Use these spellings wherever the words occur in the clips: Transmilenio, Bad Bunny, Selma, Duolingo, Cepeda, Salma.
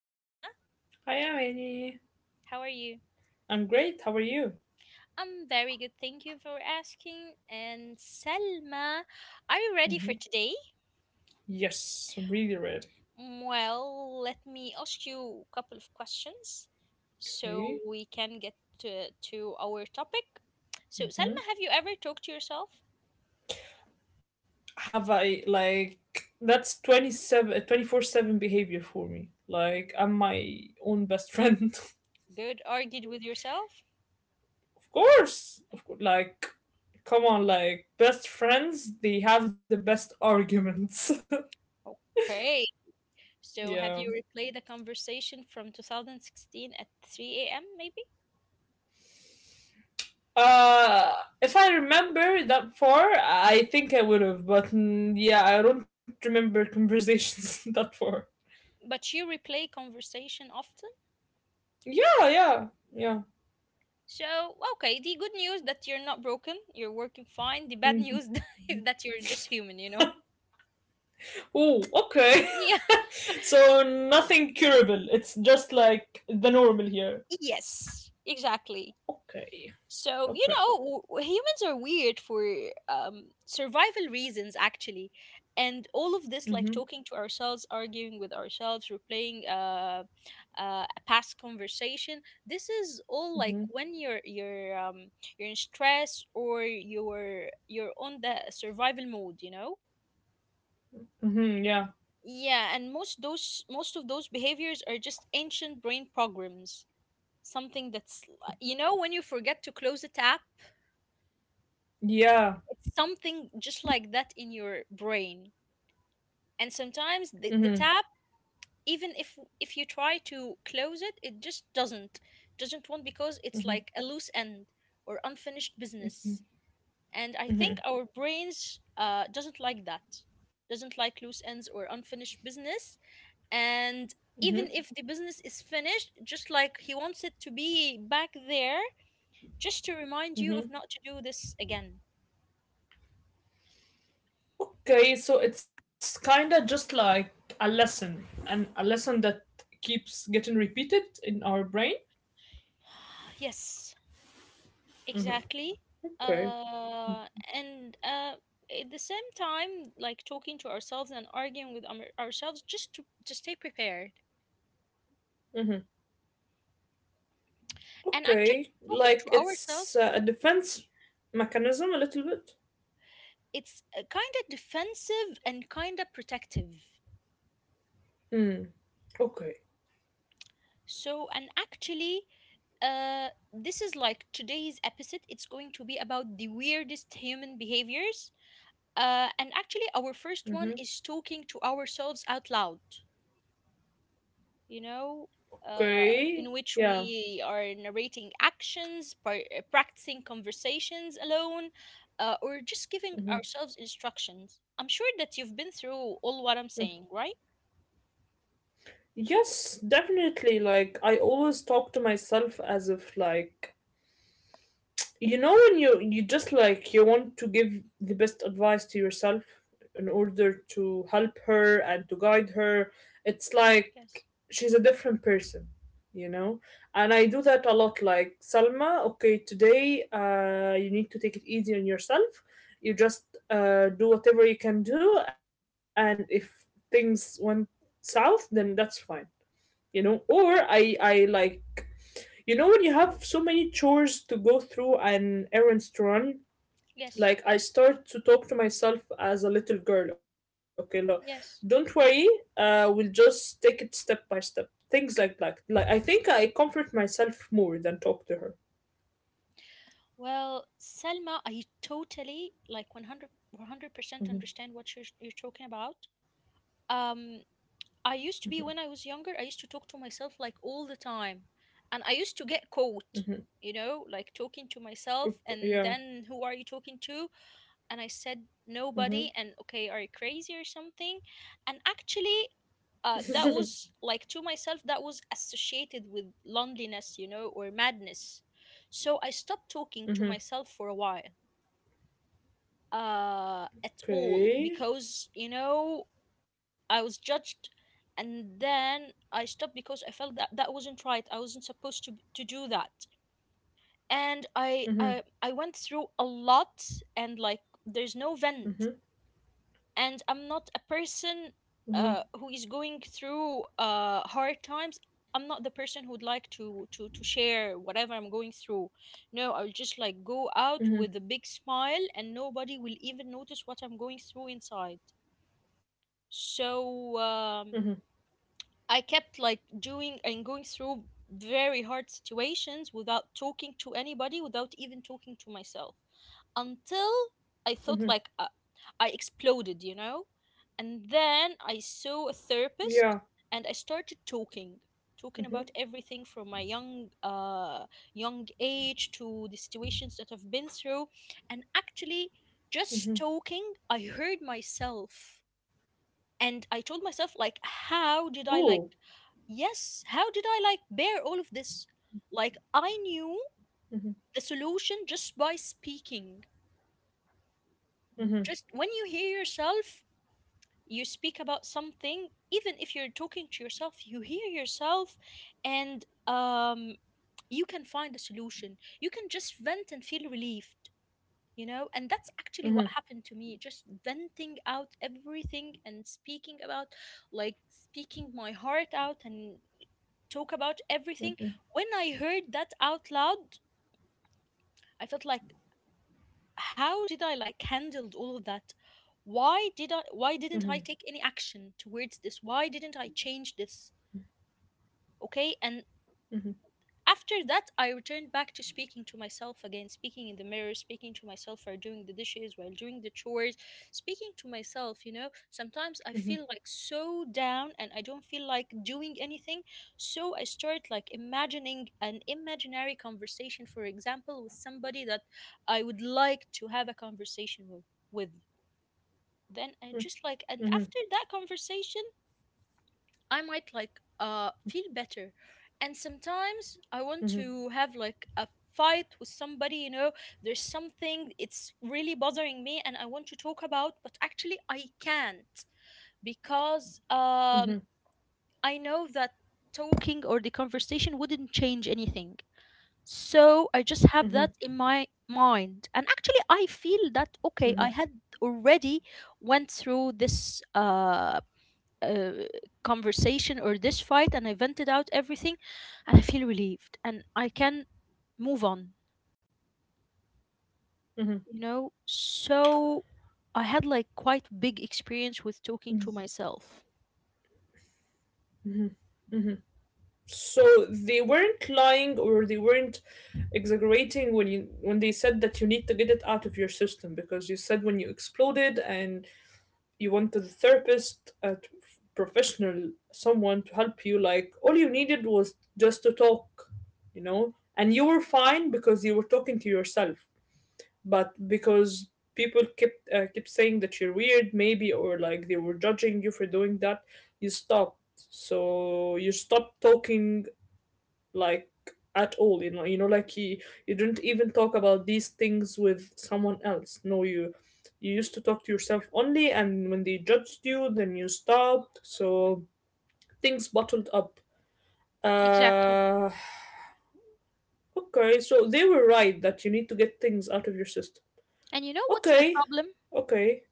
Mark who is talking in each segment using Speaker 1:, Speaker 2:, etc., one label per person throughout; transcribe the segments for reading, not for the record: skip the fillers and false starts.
Speaker 1: Hi, Selma.
Speaker 2: Hi, I'm Annie.
Speaker 1: How are you?
Speaker 2: I'm great. How are you?
Speaker 1: I'm very good. Thank you for asking. And Selma, are you ready for
Speaker 2: hmm
Speaker 1: today?
Speaker 2: Yes, I'm really ready.
Speaker 1: Well, let me ask you a couple of questions so we
Speaker 2: Okay.
Speaker 1: can get to our topic. So, Selma, have you ever talked to yourself?
Speaker 2: Have I, like, that's 27 7 behavior for me. Like,
Speaker 1: Mm.
Speaker 2: I'm my own best friend.
Speaker 1: Good. Argued with yourself?
Speaker 2: Of course. Of course. Like, come on, like, best friends, they have the best arguments.
Speaker 1: Okay. So
Speaker 2: Yeah.
Speaker 1: have you replayed the conversation from 2016 at 3 a.m. maybe?
Speaker 2: Uh, if I remember that far, I think I would have, but yeah, I don't remember conversations that far.
Speaker 1: But you replay conversation often?
Speaker 2: Yeah, yeah, yeah.
Speaker 1: So, okay, the good news that you're not broken, you're working fine. The bad news
Speaker 2: Mhm.
Speaker 1: is that you're just human, you know?
Speaker 2: Oh, okay.
Speaker 1: Yeah,
Speaker 2: So nothing curable. It's just like the normal here.
Speaker 1: yes, exactly.
Speaker 2: Okay.
Speaker 1: So, you
Speaker 2: Okay.
Speaker 1: know, humans are weird for survival reasons, actually. And all of this, like
Speaker 2: Mhm.
Speaker 1: talking to ourselves, arguing with ourselves, replaying a past conversation, this is all like
Speaker 2: Mhm.
Speaker 1: when you're in stress or you're on the survival mode, you know.
Speaker 2: Mhm. Yeah.
Speaker 1: Yeah, and most of those behaviors are just ancient brain programs. Something that's li- you know when you forget to close a tap,
Speaker 2: Yeah.
Speaker 1: it's something just like that in your brain. And sometimes the,
Speaker 2: Mhm.
Speaker 1: the tap, even if you try to close it, it just doesn't want, because it's
Speaker 2: Mhm.
Speaker 1: like a loose end or unfinished business. And I think
Speaker 2: Mhm.
Speaker 1: our brains doesn't like that, doesn't like loose ends or unfinished business. And
Speaker 2: Mhm.
Speaker 1: even if the business is finished, just like he wants it to be back there, just to remind you of
Speaker 2: Mhm.
Speaker 1: not to do this again.
Speaker 2: Okay. So it's kind of just like a lesson, and a lesson that keeps getting repeated in our brain.
Speaker 1: Yes. Exactly.
Speaker 2: Okay.
Speaker 1: Uh, and At the same time, like talking to ourselves and arguing with ourselves just to stay prepared.
Speaker 2: Mhm.
Speaker 1: And actually,
Speaker 2: Okay.
Speaker 1: talking to
Speaker 2: Like
Speaker 1: ourselves,
Speaker 2: it's a defense mechanism a little bit.
Speaker 1: it's kind of defensive and kind of protective.
Speaker 2: Mm. Okay.
Speaker 1: So, and actually, this is like today's episode. It's going to be about the weirdest human behaviors. And actually, our
Speaker 2: Mhm.
Speaker 1: first one is talking to ourselves out loud. You know, uh,
Speaker 2: Okay.
Speaker 1: in which
Speaker 2: Yeah.
Speaker 1: we are narrating actions, practicing conversations alone, or just giving ourselves instructions. I'm sure that you've been through all what I'm saying, right?
Speaker 2: Yes, definitely. Like, I always talk to myself as if, like, you know, when you just like, you want to give the best advice to yourself in order to help her and to guide her. It's like
Speaker 1: Yes.
Speaker 2: she's a different person, you know? And I do that a lot. Like, Salma, okay, today you need to take it easy on yourself. You just do whatever you can do, and if things went south, then that's fine, you know. Or I like, you know, when you have so many chores to go through and errands to run,
Speaker 1: Yes.
Speaker 2: like, I start to talk to myself as a little girl. Okay, look,
Speaker 1: Yes.
Speaker 2: don't worry, we'll just take it step by step, things like that. Like, I think I comfort myself more than talk to her.
Speaker 1: Well, Selma, I totally like 100 percent understand what you're talking about. Um, I used to be when I was younger, I used to talk to myself like all the time. And I used to get caught, you know, like talking to myself. And
Speaker 2: Okay,
Speaker 1: then who are
Speaker 2: yeah.
Speaker 1: you talking to? And I said, nobody. And
Speaker 2: Mm-hmm,
Speaker 1: okay, are you crazy or something? And actually, that was like to myself, that was associated with loneliness, you know, or madness. So I stopped talking to myself
Speaker 2: mm-hmm.
Speaker 1: for a while at all, because
Speaker 2: Okay.
Speaker 1: you know I was judged, and then I stopped because I felt that that wasn't right. I wasn't supposed to do that, and I
Speaker 2: Mm-hmm,
Speaker 1: went through a lot, and like there's no vent,
Speaker 2: mm-hmm,
Speaker 1: and I'm not a person
Speaker 2: mm-hmm,
Speaker 1: who is going through hard times. I'm not the person who would like to share whatever I'm going through. No, I'll just like go out with a
Speaker 2: mm-hmm,
Speaker 1: big smile, and nobody will even notice what I'm going through inside. So.
Speaker 2: mm-hmm,
Speaker 1: I kept like doing and going through very hard situations without talking to anybody, without even talking to myself, until I thought like
Speaker 2: mm-hmm.
Speaker 1: I exploded, you know? And then I saw a
Speaker 2: Yeah.
Speaker 1: therapist, and I started talking, talking
Speaker 2: Mm-hmm,
Speaker 1: about everything from my young age to the situations that I've been through. And actually, just
Speaker 2: mm-hmm.
Speaker 1: talking, I heard myself and I told myself like, how did I
Speaker 2: Ooh.
Speaker 1: like, yes, how did I like bear all of this? Like I knew the
Speaker 2: Mm-hmm,
Speaker 1: solution just by speaking. Just
Speaker 2: mm-hmm,
Speaker 1: when you hear yourself, you speak about something, even if you're talking to yourself, you hear yourself. And um, you can find a solution, you can just vent and feel relieved, you know. And that's actually what happened
Speaker 2: mm-hmm,
Speaker 1: to
Speaker 2: mm-hmm,
Speaker 1: me, just venting out everything and speaking about, like, speaking my heart out and talk about everything.
Speaker 2: mm-hmm,
Speaker 1: When I heard that out loud, I felt like, how did I like handled all of that? Why did I? Why didn't I take any action towards this? Why didn't I change this? Okay, and
Speaker 2: mm-hmm.
Speaker 1: after that, I returned back to speaking to myself again, speaking in the mirror, speaking to myself while doing the dishes, while doing the chores, speaking to myself. You know, sometimes
Speaker 2: Mm-hmm.
Speaker 1: I feel like so down and I don't feel like doing anything. So I start like imagining an imaginary conversation, for example, with somebody that I would like to have a conversation with. Then I just like, and after
Speaker 2: Mhm,
Speaker 1: that conversation, I might like feel better. And sometimes I want to
Speaker 2: mhm,
Speaker 1: have like a fight with somebody, you know, there's something it's really bothering me and I want to talk about, but actually I can't because
Speaker 2: mhm,
Speaker 1: I know that talking or the conversation wouldn't change anything. So I just have that in
Speaker 2: mhm,
Speaker 1: my mind. And actually I feel that okay, I had
Speaker 2: mhm,
Speaker 1: already went through this uh, conversation or this fight and I vented out everything and I feel relieved and I can move on, you
Speaker 2: mhm.
Speaker 1: know? So I had like quite big experience with talking to myself.
Speaker 2: So they weren't lying or they weren't exaggerating when you when they said that you need to get it out of your system, because you said when you exploded and you wanted a therapist, a professional, someone to help you. Like, all you needed was just to talk, you know, and you were fine because you were talking to yourself. But because people kept saying that you're weird, maybe, or like, they were judging you for doing that, you stopped. So you stopped talking, like, at all, you know. Like, you didn't even talk about these things with someone else. No, you used to talk to yourself only, and when they judged you, then you stopped. So things bottled up.
Speaker 1: Exactly.
Speaker 2: Uh okay so they were right that you need to get things out of your system.
Speaker 1: And you know what's the
Speaker 2: Okay.
Speaker 1: problem?
Speaker 2: Okay.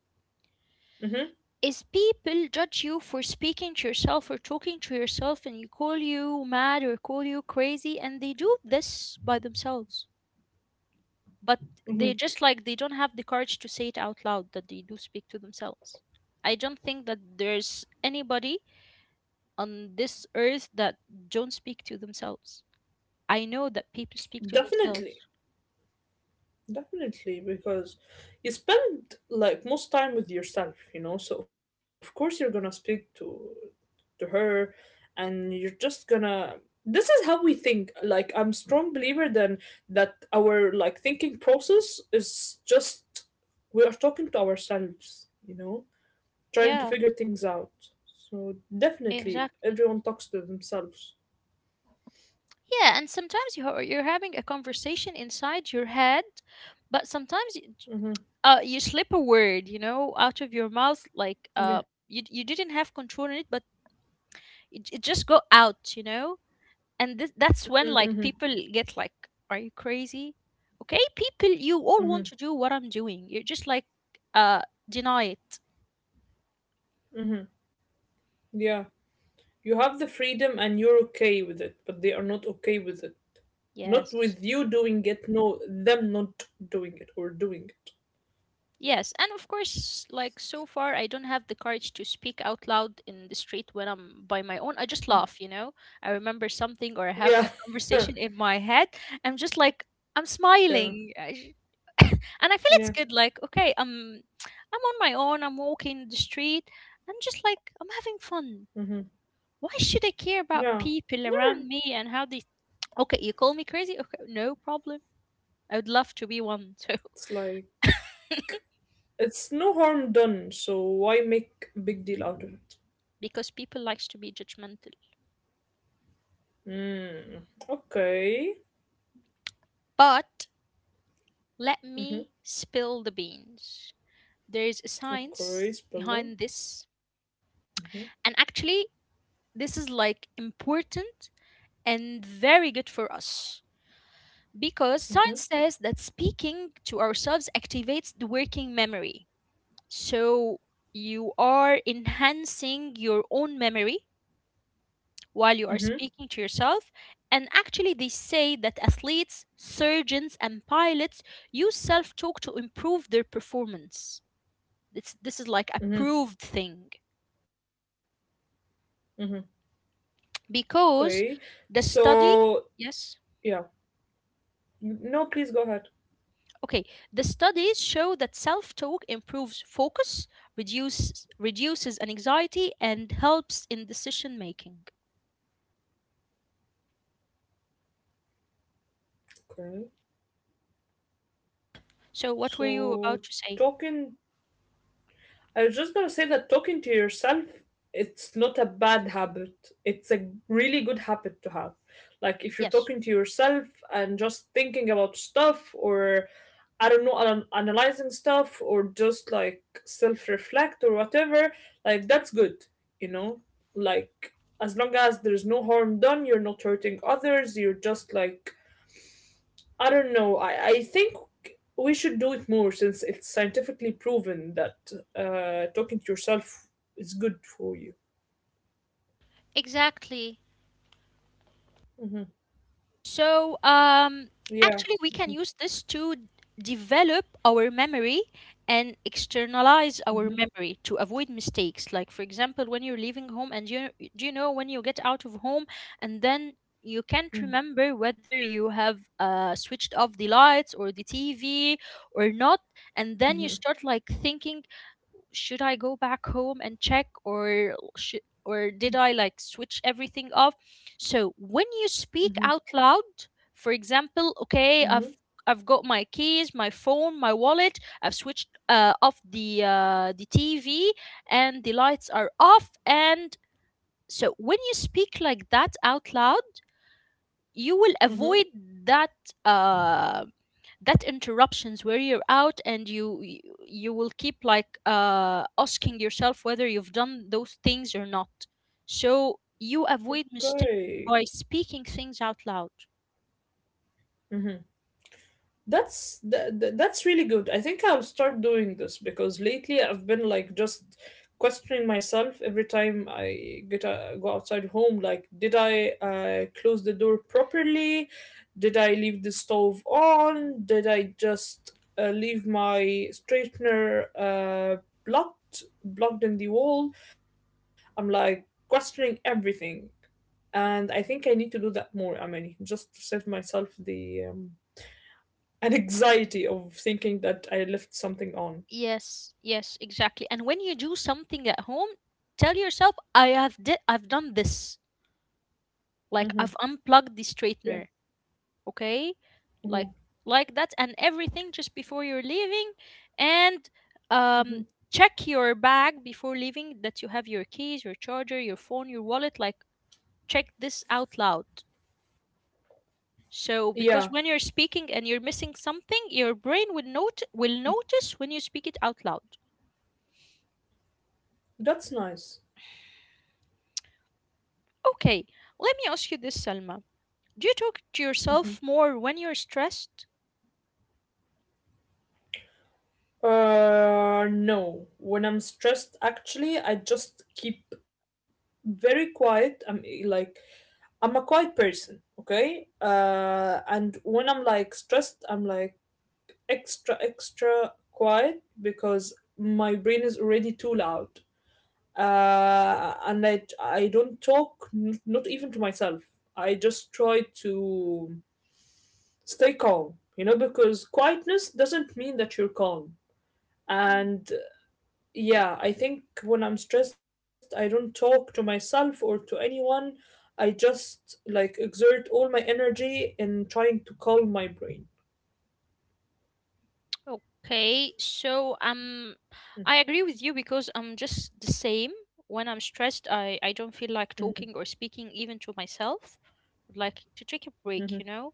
Speaker 2: Hmm.
Speaker 1: Is people judge you for speaking to yourself or talking to yourself and you call you mad or call you crazy and they do this by themselves. But
Speaker 2: Hmm.
Speaker 1: they just like they don't have the courage to say it out loud that they do speak to themselves. I don't think that there's anybody on this earth that don't speak to themselves. I know that people speak to
Speaker 2: Definitely,
Speaker 1: themselves.
Speaker 2: definitely, because you spend like most time with yourself, you know. So of course you're gonna speak to her, and you're just gonna. This is how we think. Like, I'm strong believer then that our, like, thinking process is just we are talking to ourselves, you know, trying to
Speaker 1: Yeah,
Speaker 2: figure things out. So definitely,
Speaker 1: exactly.
Speaker 2: everyone talks to themselves.
Speaker 1: Yeah, and sometimes you're having a conversation inside your head, but sometimes you,
Speaker 2: Mm-hmm.
Speaker 1: you slip a word you know out of your mouth, like
Speaker 2: Yeah.
Speaker 1: you, you didn't have control in it, but it just go out, you know. And that's when
Speaker 2: Mm-hmm.
Speaker 1: like people get like, are you crazy? Okay, people, you all
Speaker 2: Mm-hmm.
Speaker 1: want to do what I'm doing, you're just like uh deny it.
Speaker 2: Yeah. You have the freedom and you're okay with it, but they are not okay with it. Not
Speaker 1: Yes,
Speaker 2: with you doing it, no, them not doing it or doing it.
Speaker 1: yes. And of course, like so far I don't have the courage to speak out loud in the street when I'm by my own. I just laugh, you know. I remember something or I have
Speaker 2: Yeah.
Speaker 1: a conversation in my head, I'm just like I'm
Speaker 2: Yeah.
Speaker 1: smiling and I feel it's
Speaker 2: Yeah.
Speaker 1: good. Like okay, I'm on my own, I'm walking the street, I'm just like I'm having
Speaker 2: Hmm.
Speaker 1: fun. Why should I care
Speaker 2: Yeah.
Speaker 1: about people
Speaker 2: No,
Speaker 1: around me and how they. Okay, you call me crazy? Okay, no problem. I would love to be one too,
Speaker 2: it's like, it's no harm done, so why make a big deal out of it?
Speaker 1: because people likes to be judgmental.
Speaker 2: Mm. Okay.
Speaker 1: But let
Speaker 2: Mm-hmm.
Speaker 1: me spill the beans. There is a
Speaker 2: Okay,
Speaker 1: science
Speaker 2: spell them.
Speaker 1: behind this.
Speaker 2: Mm-hmm.
Speaker 1: And actually, this is like important and very good for us, because science
Speaker 2: Mm-hmm.
Speaker 1: says that speaking to ourselves activates the working memory. So you are enhancing your own memory while you are speaking
Speaker 2: Mm-hmm.
Speaker 1: to yourself. And actually, they say that athletes, surgeons, and pilots use self talk to improve their performance. This is like a proved
Speaker 2: Mm-hmm.
Speaker 1: thing
Speaker 2: Mm-hmm.
Speaker 1: because
Speaker 2: Okay.
Speaker 1: the study,
Speaker 2: So,
Speaker 1: yes,
Speaker 2: yeah. No, please go ahead.
Speaker 1: okay, the studies show that self talk improves focus, reduces anxiety, and helps in decision making.
Speaker 2: Okay.
Speaker 1: So, what were you about to
Speaker 2: So
Speaker 1: say?
Speaker 2: talking, I was just gonna say that talking to yourself, it's not a bad habit. It's a really good habit to have. Like, if you're
Speaker 1: Yes.
Speaker 2: talking to yourself and just thinking about stuff, or I don't know, analyzing stuff, or just like self reflect or whatever, like, that's good, you know? Like, as long as there's no harm done, you're not hurting others, you're just like, I don't know. I think we should do it more since it's scientifically proven that talking to yourself is good for you.
Speaker 1: Exactly.
Speaker 2: Hmm.
Speaker 1: So,
Speaker 2: Yeah.
Speaker 1: actually, we can use this to develop our memory and externalize our
Speaker 2: Mm-hmm.
Speaker 1: memory to avoid mistakes. Like, for example, when you're leaving home, and you, do you know when you get out of home, and then you can't
Speaker 2: Mm-hmm.
Speaker 1: remember whether you have switched off the lights or the TV or not, and then you
Speaker 2: Mm-hmm.
Speaker 1: start like thinking, should I go back home and check, or should, or did I like switch everything off? So when you speak
Speaker 2: Mm-hmm.
Speaker 1: out loud, for example, okay,
Speaker 2: Mm-hmm.
Speaker 1: I've got my keys, my phone, my wallet. I've switched off the TV and the lights are off. And so when you speak like that out loud, you will
Speaker 2: Mm-hmm.
Speaker 1: avoid that, um, that interruptions where you're out and you will keep like asking yourself whether you've done those things or not, so you avoid mistakes
Speaker 2: Great.
Speaker 1: by speaking things out loud.
Speaker 2: Mm-hmm. That's really good. I think I'll start doing this because lately I've been, like, just questioning myself every time I get go outside home. Like, did I close the door properly? Did I leave the stove on? Did I just leave my straightener blocked in the wall? I'm like questioning everything, and I think I need to do that more, Amani, just to save myself the. An anxiety of thinking that I left something on.
Speaker 1: Yes, yes, exactly. And when you do something at home, tell yourself I have I've done this, like
Speaker 2: Hmm
Speaker 1: I've unplugged the
Speaker 2: Yeah.
Speaker 1: straightener, okay, like
Speaker 2: hmm
Speaker 1: like that, and everything just before you're leaving. And um
Speaker 2: hmm
Speaker 1: check your bag before leaving that you have your keys, your charger, your phone, your wallet, like check this out loud. So
Speaker 2: Yeah,
Speaker 1: because when you're speaking and you're missing something, your brain will note will notice when you speak it out loud.
Speaker 2: that's nice.
Speaker 1: Okay, let me ask you this, Salma, do you talk to
Speaker 2: hmm
Speaker 1: yourself more when you're stressed?
Speaker 2: No, when I'm stressed, actually, I just keep very quiet. I'm a quiet person, okay? And when I'm, like, stressed, I'm like extra, extra quiet because my brain is already too loud. And I don't talk, not even to myself. I just try to stay calm, you know, because quietness doesn't mean that you're calm.
Speaker 1: Hmm.
Speaker 2: And yeah, I think when I'm stressed, I don't talk to myself or to anyone. I just like exert all my energy in trying to calm my brain.
Speaker 1: Okay, so um, I agree with you because I'm just the same. When I'm stressed, I don't feel like talking or speaking even to myself. I'd like to take a break, you
Speaker 2: Hmm.
Speaker 1: know,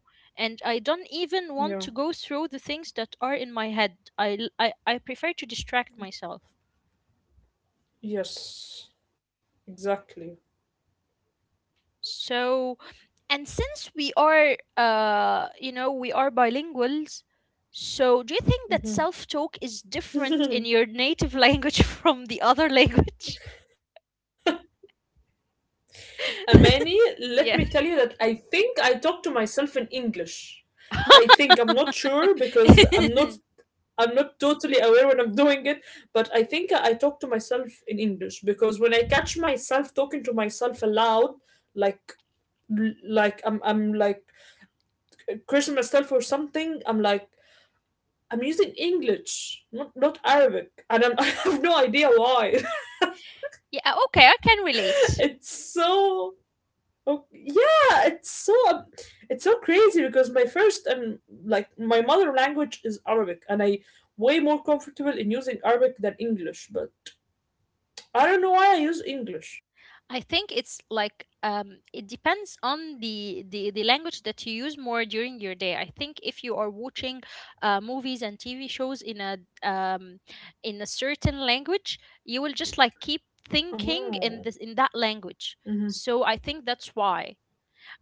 Speaker 1: and I don't even want
Speaker 2: Yeah.
Speaker 1: to go through the things that are in my head. I l- I prefer to distract myself.
Speaker 2: Yes. Exactly.
Speaker 1: So, and since we are you know, we are bilinguals, so do you think that
Speaker 2: hmm
Speaker 1: self-talk is different in your native language from the other language?
Speaker 2: Amani, let me tell you
Speaker 1: Yeah.
Speaker 2: that I think I talk to myself in English. I think I'm not sure because I'm not I'm not totally aware when I'm doing it, but I think I talk to myself in English because when I catch myself talking to myself aloud, like, I'm like cursing myself or something, I'm using English, not Arabic, and I'm, I have no idea why.
Speaker 1: Yeah, okay, I can
Speaker 2: it's
Speaker 1: relate.
Speaker 2: so Oh yeah, it's so crazy because my first and like, my mother language is Arabic, and I way more comfortable in using Arabic than English. But I don't know why I use English.
Speaker 1: I think it's like it depends on the, the language that you use more during your day. I think if you are watching movies and TV shows um in a certain language, you will just like keep thinking in
Speaker 2: Oh,
Speaker 1: this in that language.
Speaker 2: hmm
Speaker 1: So I think that's why.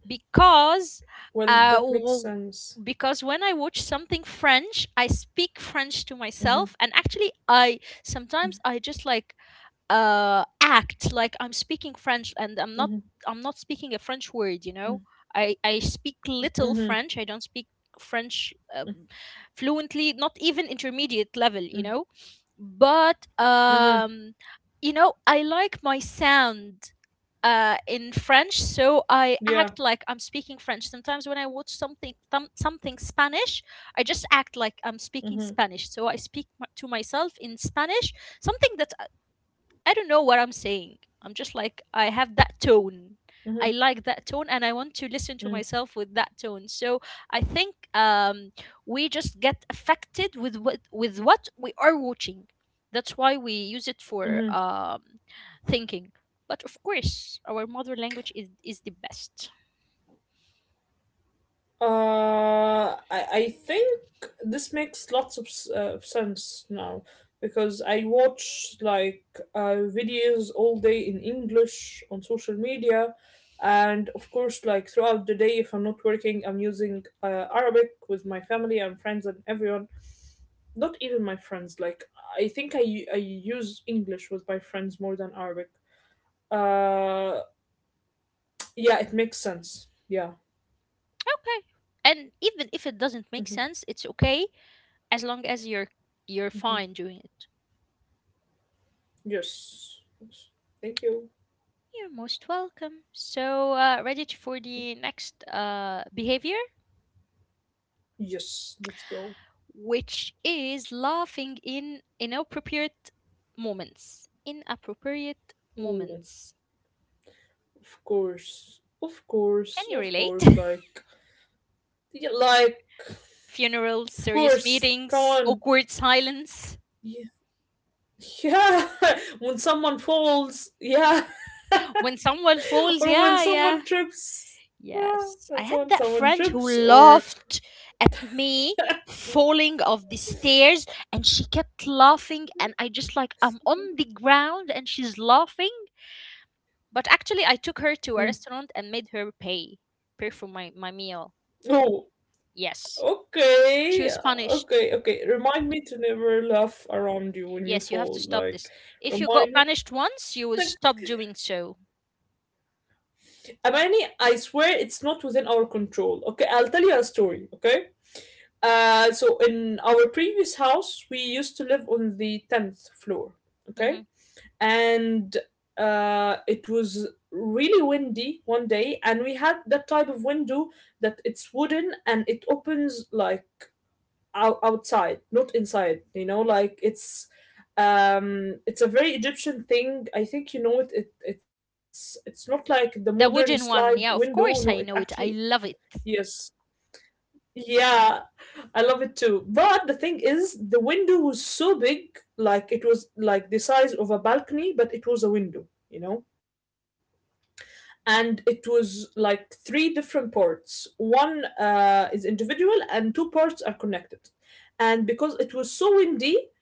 Speaker 1: because
Speaker 2: well,
Speaker 1: uh,
Speaker 2: that makes
Speaker 1: w-
Speaker 2: sense.
Speaker 1: because when I watch something French, I speak French to
Speaker 2: Mm-hmm,
Speaker 1: myself, and actually, I sometimes I just like act like I'm speaking French and I'm not.
Speaker 2: mm-hmm,
Speaker 1: I'm not speaking a French word. You
Speaker 2: mm-hmm,
Speaker 1: know, I speak little
Speaker 2: mm-hmm,
Speaker 1: French. I don't speak French fluently, not even intermediate level. You
Speaker 2: mm-hmm.
Speaker 1: know, but
Speaker 2: Mm-hmm.
Speaker 1: you know, I like my sound in French, so
Speaker 2: Yeah.
Speaker 1: I act like I'm speaking French. Sometimes when I watch something Spanish, I just act like I'm speaking
Speaker 2: Mm-hmm,
Speaker 1: Spanish. So I speak to myself in Spanish, something that I don't know what I'm saying. I'm just like, I have that tone.
Speaker 2: mm-hmm,
Speaker 1: I like that tone and I want to listen to myself with that tone. So I think we just get affected with what we are watching. That's why we use it for
Speaker 2: mm-hmm.
Speaker 1: thinking. But of course, our mother language is the best.
Speaker 2: I think this makes lots of sense now because I watch, like, videos all day in English on social media, and of course, like, throughout the day, if I'm not working, I'm using Arabic with my family and friends and everyone. Not even my friends. Like, I think I use English with my friends more than Arabic. Uh, yeah, it makes sense. Yeah.
Speaker 1: Okay. And even if it doesn't make sense, it's okay as long as you're fine doing it.
Speaker 2: Yes. Yes. Thank you.
Speaker 1: You're most welcome. So, ready for the next behavior,
Speaker 2: Yes, let's go.
Speaker 1: which is laughing in inappropriate moments. Inappropriate
Speaker 2: Ooh,
Speaker 1: moments.
Speaker 2: of course. Of
Speaker 1: Can
Speaker 2: course,
Speaker 1: you
Speaker 2: of course,
Speaker 1: relate?
Speaker 2: like, yeah, like,
Speaker 1: Funerals,
Speaker 2: of
Speaker 1: serious
Speaker 2: course. Come
Speaker 1: meetings,
Speaker 2: on.
Speaker 1: awkward silence.
Speaker 2: Yeah. Yeah. When someone falls, yeah,
Speaker 1: When someone falls,
Speaker 2: or when
Speaker 1: yeah, yeah.
Speaker 2: someone trips. Yeah,
Speaker 1: Yes, I
Speaker 2: that's
Speaker 1: had
Speaker 2: when
Speaker 1: that
Speaker 2: someone
Speaker 1: friend who
Speaker 2: trips or...
Speaker 1: laughed at me falling off the stairs and she kept laughing and I just like I'm on the ground and she's laughing. But actually, I
Speaker 2: Hmm.
Speaker 1: took her to a restaurant and made her pay, pay for my meal.
Speaker 2: Oh,
Speaker 1: Yes. She
Speaker 2: okay.
Speaker 1: was punished.
Speaker 2: Okay, okay. Remind me to never laugh around you when you
Speaker 1: Yes, you have to
Speaker 2: fall.
Speaker 1: stop
Speaker 2: Like
Speaker 1: this. If you got
Speaker 2: remind me
Speaker 1: punished once, you will
Speaker 2: Like,
Speaker 1: stop doing so.
Speaker 2: Amani, I swear it's not within our control. Okay, I'll tell you a story, okay? So in our previous house, we used to live on the 10th floor, okay?
Speaker 1: Hmm.
Speaker 2: And it was really windy one day, and we had that type of window that it's wooden and it opens like outside, not inside, you know, like it's a very egyptian thing, I think, you know. It's not like the modern
Speaker 1: The
Speaker 2: slide
Speaker 1: wooden one. Yeah,
Speaker 2: window.
Speaker 1: of
Speaker 2: No, it
Speaker 1: course, I
Speaker 2: actually...
Speaker 1: know it. I love it.
Speaker 2: Yes, yeah, I love it too. But the thing is, the window was so big, like it was like the size of a balcony, but it was a window, you know? And it was like three different parts. One is individual, and two parts are connected. And because it was so windy,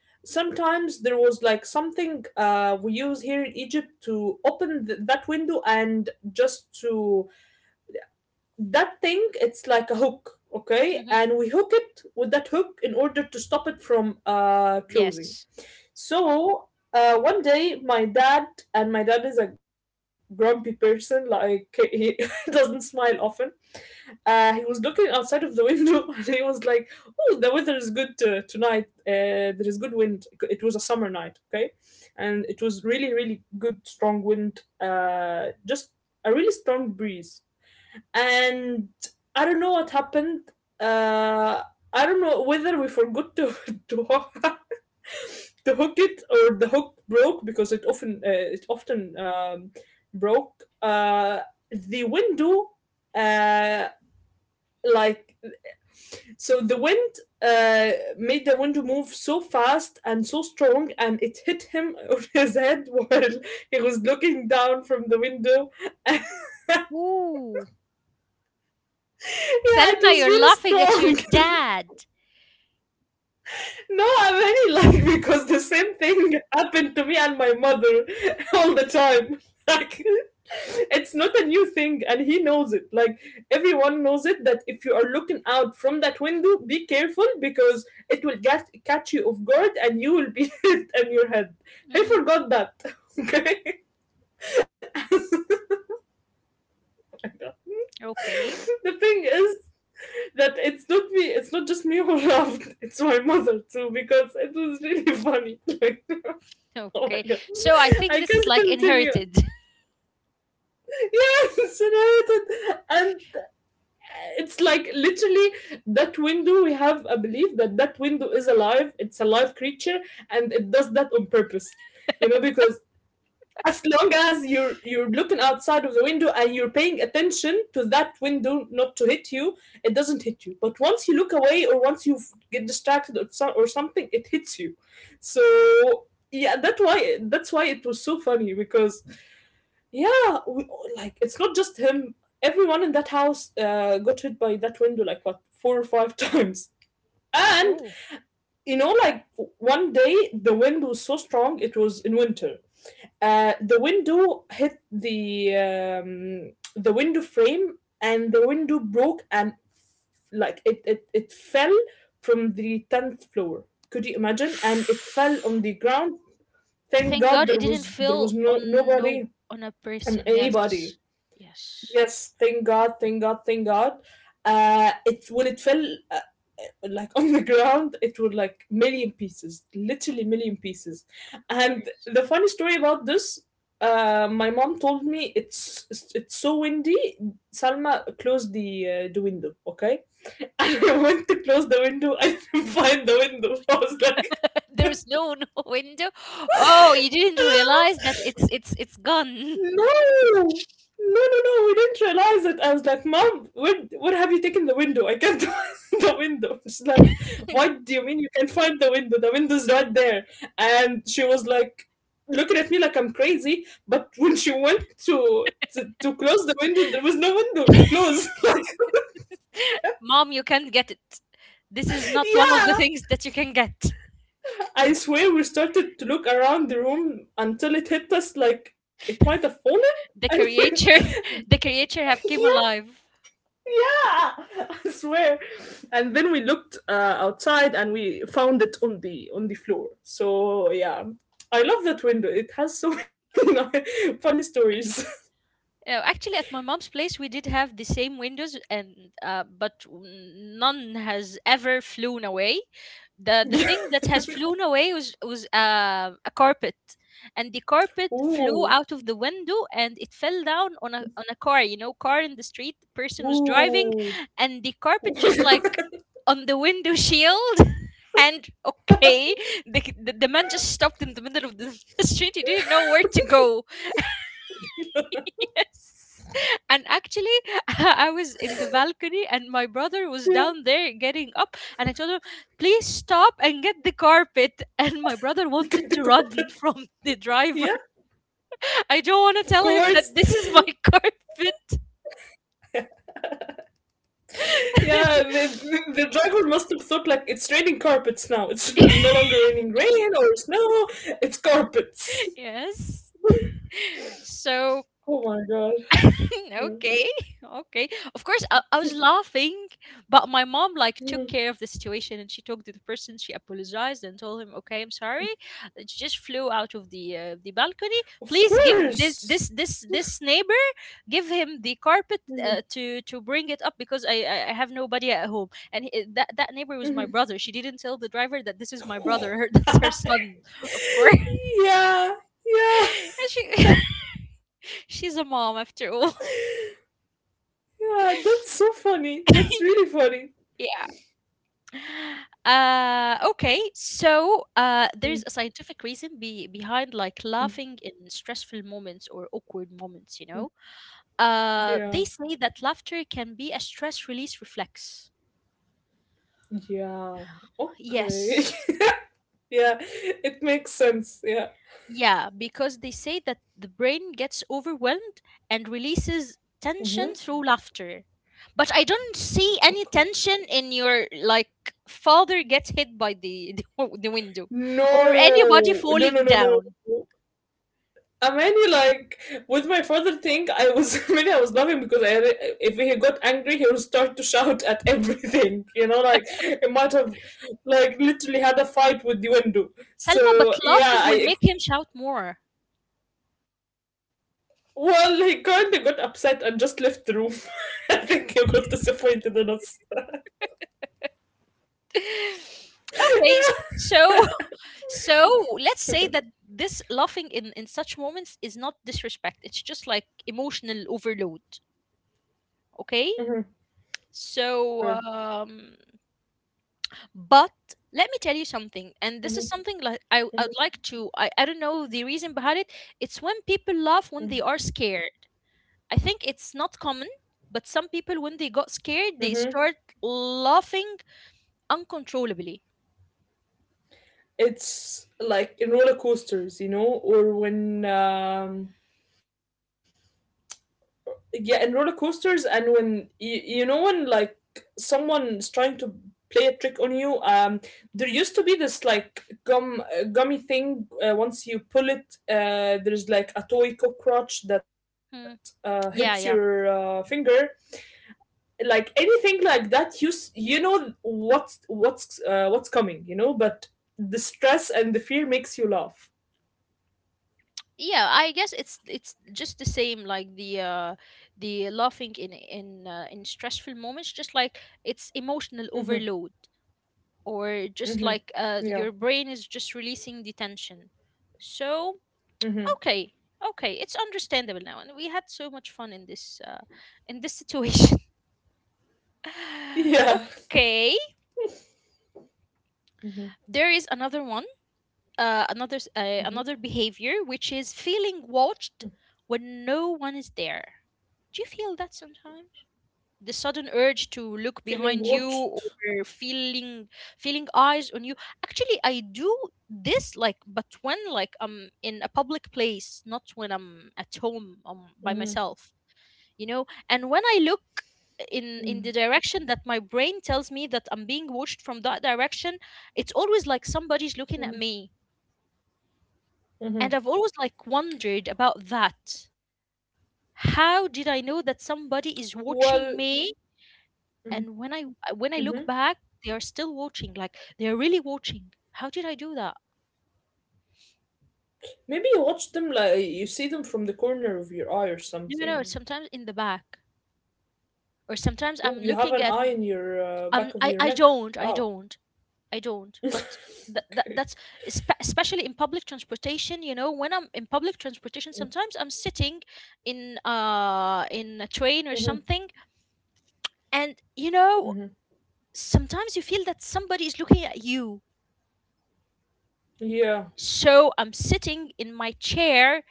Speaker 2: sometimes there was like something we use here in Egypt to open that window, and just to... That thing, it's like a hook, okay,
Speaker 1: Hmm.
Speaker 2: and we hook it with that hook in order to stop it from closing.
Speaker 1: Yes.
Speaker 2: So one day my dad — and my dad is a grumpy person, like he doesn't smile often — he was looking outside of the window, and he was like, oh, the weather is good, tonight, there is good wind. It was a summer night, okay, and it was really, really good strong wind, just a really strong breeze. And I don't know what happened. Uh, I don't know whether we forgot to hook, to hook it, or the hook broke because it often broke. The window, uh, like, so the wind uh, made the window move so fast and so strong, and it hit him on his head while he was looking down from the window. Yeah,
Speaker 1: Ooh.
Speaker 2: it
Speaker 1: Selma,
Speaker 2: was
Speaker 1: you're laughing at your
Speaker 2: very strong.
Speaker 1: dad.
Speaker 2: No, I'm very like, because the same thing happened to me and my mother all the time. Like, it's not a new thing and he knows it. Like everyone knows it that if you are looking out from that window, be careful because it will get catch you off guard and you will be hit on your head. He
Speaker 1: Hmm.
Speaker 2: forgot that. Okay.
Speaker 1: Okay.
Speaker 2: The thing is that it's not just me who laughed, it's my mother too, because it was really funny. Like, oh my
Speaker 1: Okay.
Speaker 2: god.
Speaker 1: So I think
Speaker 2: I
Speaker 1: this is
Speaker 2: can't
Speaker 1: like
Speaker 2: continue.
Speaker 1: inherited.
Speaker 2: Yes, right. And it's like literally that window. We have a belief that that window is alive. It's a live creature, and it does that on purpose. Because as long as you're looking outside of the window and you're paying attention to that window not to hit you, it doesn't hit you. But once you look away or once you get distracted or, so, or something, it hits you. So yeah, that's why it was so funny because, yeah, we, like it's not just him. Everyone in that house got hit by that window like what 4 or 5 times. And
Speaker 1: Ooh.
Speaker 2: like one day the wind was so strong it was in winter. The window hit the window frame, and the window broke, and like it fell from the 10th floor. Could you imagine? And it fell on the ground. Thank
Speaker 1: Thank
Speaker 2: God
Speaker 1: God
Speaker 2: there
Speaker 1: it didn't
Speaker 2: was there was
Speaker 1: feel
Speaker 2: no
Speaker 1: on no
Speaker 2: nobody
Speaker 1: on a
Speaker 2: and
Speaker 1: person.
Speaker 2: anybody.
Speaker 1: Yes. Yes.
Speaker 2: Yes, thank God, thank God, thank God. It when it fell uh, like on the ground, it was like million pieces, literally million pieces.
Speaker 1: Of
Speaker 2: And
Speaker 1: course.
Speaker 2: the funny story about this, my mom told me it's so windy. Salma closed the window, okay? And I went to close the window. I didn't find the window. I was like.
Speaker 1: There's no window. Oh, you didn't realize that it's it's gone.
Speaker 2: No, no, no, no. We didn't realize it. I was like, Mom, where have you taken the window? I can't find the window. She's like, What do you mean you can't find the window? The window's right there. And she was like, looking at me like I'm crazy. But when she went to close the window, there was no window to close.
Speaker 1: Mom, you can't get it. This
Speaker 2: Like,
Speaker 1: is not one of
Speaker 2: yeah,
Speaker 1: the things that you can get.
Speaker 2: I swear we started to look around the room until it hit us like it might have fallen.
Speaker 1: The
Speaker 2: And
Speaker 1: creature the creature have
Speaker 2: yeah,
Speaker 1: came alive.
Speaker 2: yeah, I swear. And then we looked outside and we found it on the floor. So yeah, I love that window. It has so many funny stories.
Speaker 1: No, actually, at my mom's place, we did have the same windows, and uh, but w- none has ever flown away. The thing that has flown away was a carpet, and the carpet flew
Speaker 2: Ooh,
Speaker 1: out of the window and it fell down on a car. You know, car in the street. The person was driving,
Speaker 2: ooh.
Speaker 1: and the carpet just like on the window shield. And okay, the man just stopped in the middle of the the street. He didn't know where to go. Yes. And actually, I was in the balcony and my brother was
Speaker 2: Yeah.
Speaker 1: down there getting up. And I told him, please stop and get the carpet. And my brother wanted
Speaker 2: The
Speaker 1: to run
Speaker 2: carpet.
Speaker 1: from the driver.
Speaker 2: Yeah.
Speaker 1: I don't
Speaker 2: Of
Speaker 1: want to tell
Speaker 2: course.
Speaker 1: him that this is my carpet.
Speaker 2: Yeah, the driver must have thought like it's raining carpets now. It's no longer
Speaker 1: Yes.
Speaker 2: raining rain or snow. It's carpets.
Speaker 1: Yes.
Speaker 2: Oh
Speaker 1: So
Speaker 2: my god. Yeah.
Speaker 1: okay, okay, of course I was laughing but my mom like took care of the situation and she talked to the person, she apologized and told him, okay, I'm sorry, it just flew out of the balcony,
Speaker 2: Of
Speaker 1: please give
Speaker 2: course.
Speaker 1: this neighbor, give him the
Speaker 2: Mhm,
Speaker 1: carpet to bring it up because I have nobody at home and he, that that neighbor was
Speaker 2: mhm.
Speaker 1: my brother. She didn't tell the driver that this is my brother, that's her son. Of course.
Speaker 2: Yeah, yeah,
Speaker 1: And she she's a mom after all.
Speaker 2: yeah. That's so funny. That's really funny.
Speaker 1: Yeah. Okay. So
Speaker 2: Mm,
Speaker 1: there's a scientific reason behind like laughing in stressful moments or awkward moments. You know,
Speaker 2: yeah,
Speaker 1: they say that laughter can be a stress release reflex.
Speaker 2: yeah. Okay.
Speaker 1: Yes.
Speaker 2: Yeah, it makes sense. Yeah.
Speaker 1: Yeah, because they say that the brain gets overwhelmed and releases
Speaker 2: Mm-hmm.
Speaker 1: tension through laughter. But I don't see any
Speaker 2: Okay.
Speaker 1: tension in your like father gets hit by the the window or anybody
Speaker 2: No, no,
Speaker 1: falling
Speaker 2: no, no,
Speaker 1: down.
Speaker 2: no. I Amani, like with my father thing, I was maybe I was laughing because I, if he got angry, he would start to shout at everything. Like he might have like literally had a fight with the window.
Speaker 1: Selma, but
Speaker 2: So
Speaker 1: laughing
Speaker 2: yeah,
Speaker 1: will make
Speaker 2: I
Speaker 1: him shout more.
Speaker 2: well, he kind of got upset and just left the room. I think he got disappointed in us.
Speaker 1: Okay, so so let's say that this laughing in such moments is not disrespect. It's just like emotional overload. Okay?
Speaker 2: Mm-hmm.
Speaker 1: So
Speaker 2: Okay.
Speaker 1: but let me tell you something and this is
Speaker 2: Mm-hmm.
Speaker 1: something like I
Speaker 2: Mm-hmm.
Speaker 1: would like to I don't know the reason behind it. It's when people laugh when they are scared. I think it's not common, but some people when they got scared
Speaker 2: Mm-hmm.
Speaker 1: they start laughing uncontrollably.
Speaker 2: It's like in roller coasters, or when yeah and roller coasters and when you know when like someone is trying to play a trick on you there used to be this like gummy thing once you pull it there's like a toy cockroach that
Speaker 1: Hmm.
Speaker 2: hits your
Speaker 1: Yeah, yeah.
Speaker 2: finger like anything like that you know what's coming, but the stress and the fear makes you laugh.
Speaker 1: Yeah, I guess it's just the same like the laughing in in stressful moments, just like it's emotional
Speaker 2: Mm-hmm,
Speaker 1: overload or just like
Speaker 2: mm-hmm,
Speaker 1: your brain
Speaker 2: yeah,
Speaker 1: is just releasing the tension. So, okay.
Speaker 2: mm-hmm,
Speaker 1: Okay, it's understandable now and we had so much fun in this situation.
Speaker 2: yeah,
Speaker 1: Okay.
Speaker 2: mm-hmm,
Speaker 1: There is another one. Another another
Speaker 2: mm-hmm.
Speaker 1: behavior which is feeling watched when no one is there. Do you feel that sometimes? The sudden urge to look
Speaker 2: Feeling
Speaker 1: behind you or
Speaker 2: watched.
Speaker 1: feeling feeling eyes on you. Actually, I do this like but when like I'm in a public place, not when I'm at home by
Speaker 2: Mhm,
Speaker 1: myself, you know? And when I look in the
Speaker 2: mhm.
Speaker 1: direction that my brain tells me that I'm being watched from that direction, it's always like somebody's looking at me. And I've always like wondered about that. How did I know that somebody is
Speaker 2: Well,
Speaker 1: watching me? And when I
Speaker 2: mhm.
Speaker 1: look back, they are still watching. Like they're really watching. How did I do that?
Speaker 2: Maybe you watch them like you see them from the corner of your eye or
Speaker 1: No, no, no,
Speaker 2: something.
Speaker 1: sometimes in the back, or sometimes
Speaker 2: Oh,
Speaker 1: I'm
Speaker 2: you have
Speaker 1: looking
Speaker 2: an
Speaker 1: at.
Speaker 2: eye
Speaker 1: m-
Speaker 2: in your back of your
Speaker 1: I
Speaker 2: neck.
Speaker 1: don't. I
Speaker 2: Wow.
Speaker 1: don't. I don't. But
Speaker 2: Okay.
Speaker 1: that's especially in public transportation. You know, when I'm in public transportation, sometimes I'm sitting in a
Speaker 2: Hmm,
Speaker 1: train or something, and you
Speaker 2: hmm.
Speaker 1: know, sometimes you feel that somebody is looking at you.
Speaker 2: Yeah.
Speaker 1: So I'm sitting in my chair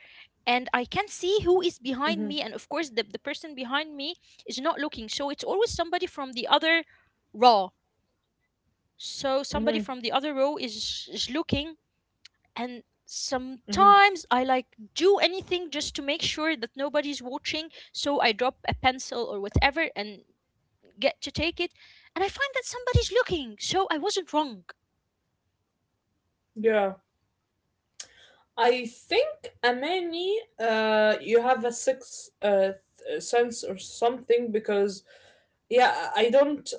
Speaker 1: and I can see who is
Speaker 2: Hmm,
Speaker 1: behind me. And of course, the person behind me is not looking. So it's always somebody from the other row. So
Speaker 2: hmm,
Speaker 1: somebody from the other row is looking. And
Speaker 2: hmm.
Speaker 1: sometimes I like do anything just to make sure that nobody's watching. So I drop a pencil or whatever and get to take it. And I find that somebody's looking. So I wasn't wrong.
Speaker 2: Yeah. I think Amani, you have a sixth sense or something because yeah, I don't.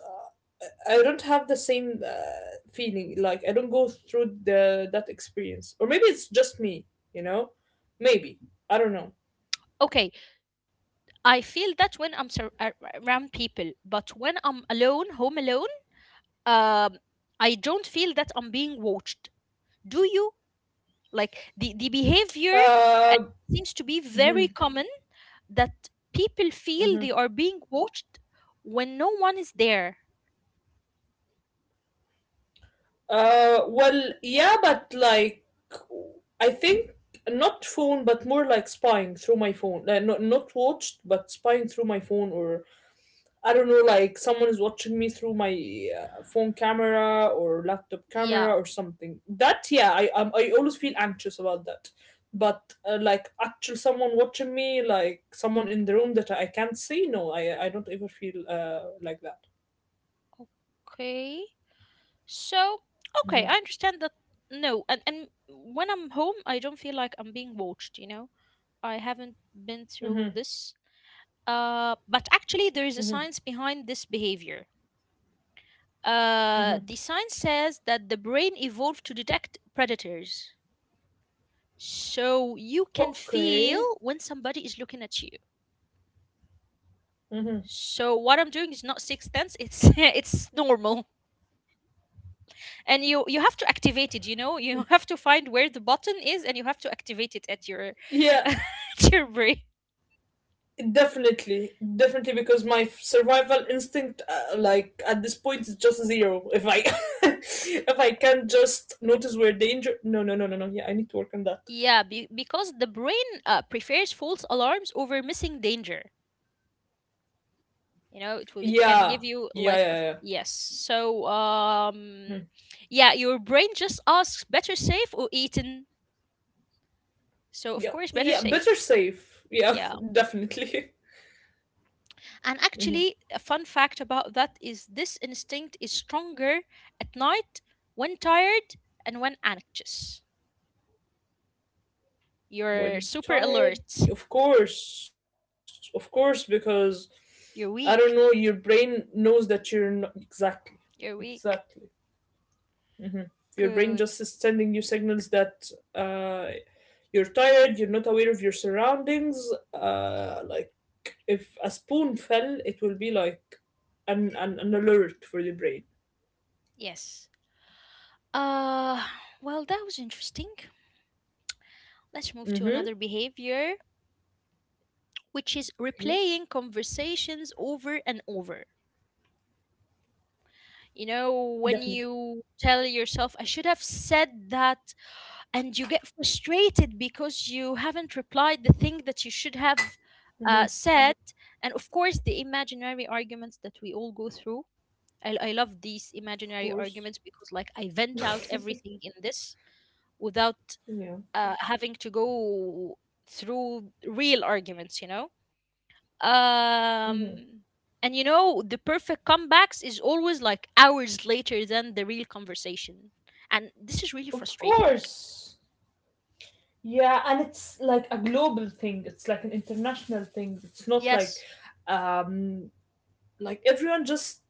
Speaker 2: I don't have the same feeling. Like I don't go through the that experience, or maybe it's just me. You know, maybe I don't know.
Speaker 1: Okay, I feel that when I'm around people, but when I'm alone, home alone, um, I don't feel that I'm being watched. Do you? Like the behavior
Speaker 2: Uh,
Speaker 1: seems to be very
Speaker 2: mhm,
Speaker 1: common that people feel they
Speaker 2: mhm.
Speaker 1: are being watched when no one is there.
Speaker 2: Well, yeah, but like I think not phone, but more like spying through my phone. Not watched, but spying through my phone or I don't know, like someone is watching me through my phone camera or laptop camera
Speaker 1: Yeah.
Speaker 2: or something. That, yeah, I always feel anxious about that. But like actual someone watching me, like someone in the room that I can't see, no, I don't ever feel like that.
Speaker 1: Okay. So, okay, I understand that. No, and when I'm home, I don't feel like I'm being watched, you know? I haven't been through this. But actually, there is a science behind this behavior.
Speaker 2: Hmm.
Speaker 1: The science says that the brain evolved to detect predators. So you can feel
Speaker 2: Okay.
Speaker 1: when somebody is looking at you.
Speaker 2: Hmm.
Speaker 1: So what I'm doing is not sixth sense, it's it's normal. And you have to activate it, you know? You have to find where the button is and you have to activate it at your
Speaker 2: Yeah,
Speaker 1: at your brain.
Speaker 2: definitely, definitely, because my survival instinct, like at this point, is just zero. If I, If I can just notice where danger, no, no, no, no, no. Yeah, I need to work on that.
Speaker 1: Yeah, because the brain prefers false alarms over missing danger. You know it will
Speaker 2: Yeah,
Speaker 1: can give you
Speaker 2: yeah, yeah,
Speaker 1: like a,
Speaker 2: yeah,
Speaker 1: yes, so
Speaker 2: yeah. Hmm.
Speaker 1: yeah, your brain just asks, better safe or eaten, so of
Speaker 2: Yeah.
Speaker 1: course, better
Speaker 2: Yeah, better
Speaker 1: safe.
Speaker 2: safe. Yeah,
Speaker 1: Yeah.
Speaker 2: definitely.
Speaker 1: And
Speaker 2: Mhm.
Speaker 1: actually a fun fact about that is this instinct is stronger at night, when tired, and when anxious, you're
Speaker 2: When
Speaker 1: super
Speaker 2: tired,
Speaker 1: alert.
Speaker 2: of course, because I don't
Speaker 1: You're
Speaker 2: know, your
Speaker 1: weak.
Speaker 2: brain knows that you're not exactly,
Speaker 1: You're
Speaker 2: exactly.
Speaker 1: weak.
Speaker 2: Mhm. Your brain
Speaker 1: Good.
Speaker 2: just is sending you signals that you're tired, you're not aware of your surroundings. Like if a spoon fell, it will be like an alert for the brain.
Speaker 1: Yes. Uh, well, that was interesting. Let's move to
Speaker 2: Mm-hmm.
Speaker 1: another behavior, which
Speaker 2: Okay,
Speaker 1: is replaying conversations over and over. You know, when
Speaker 2: definitely.
Speaker 1: you tell yourself, I should have said that, and you get frustrated because you haven't replied the thing that you should have
Speaker 2: Mm-hmm.
Speaker 1: said. And of course, the imaginary arguments that we all go through. I love these
Speaker 2: Of
Speaker 1: imaginary
Speaker 2: course.
Speaker 1: arguments because, like, I vent out everything in this without
Speaker 2: Yeah.
Speaker 1: having to go through real arguments, you know?
Speaker 2: Mm-hmm.
Speaker 1: Um, the perfect comebacks is always like hours later than the real conversation. And this is really
Speaker 2: Of
Speaker 1: frustrating.
Speaker 2: course. Yeah, and it's like a global thing. It's like an international thing. It's not like
Speaker 1: Yes.
Speaker 2: um like everyone just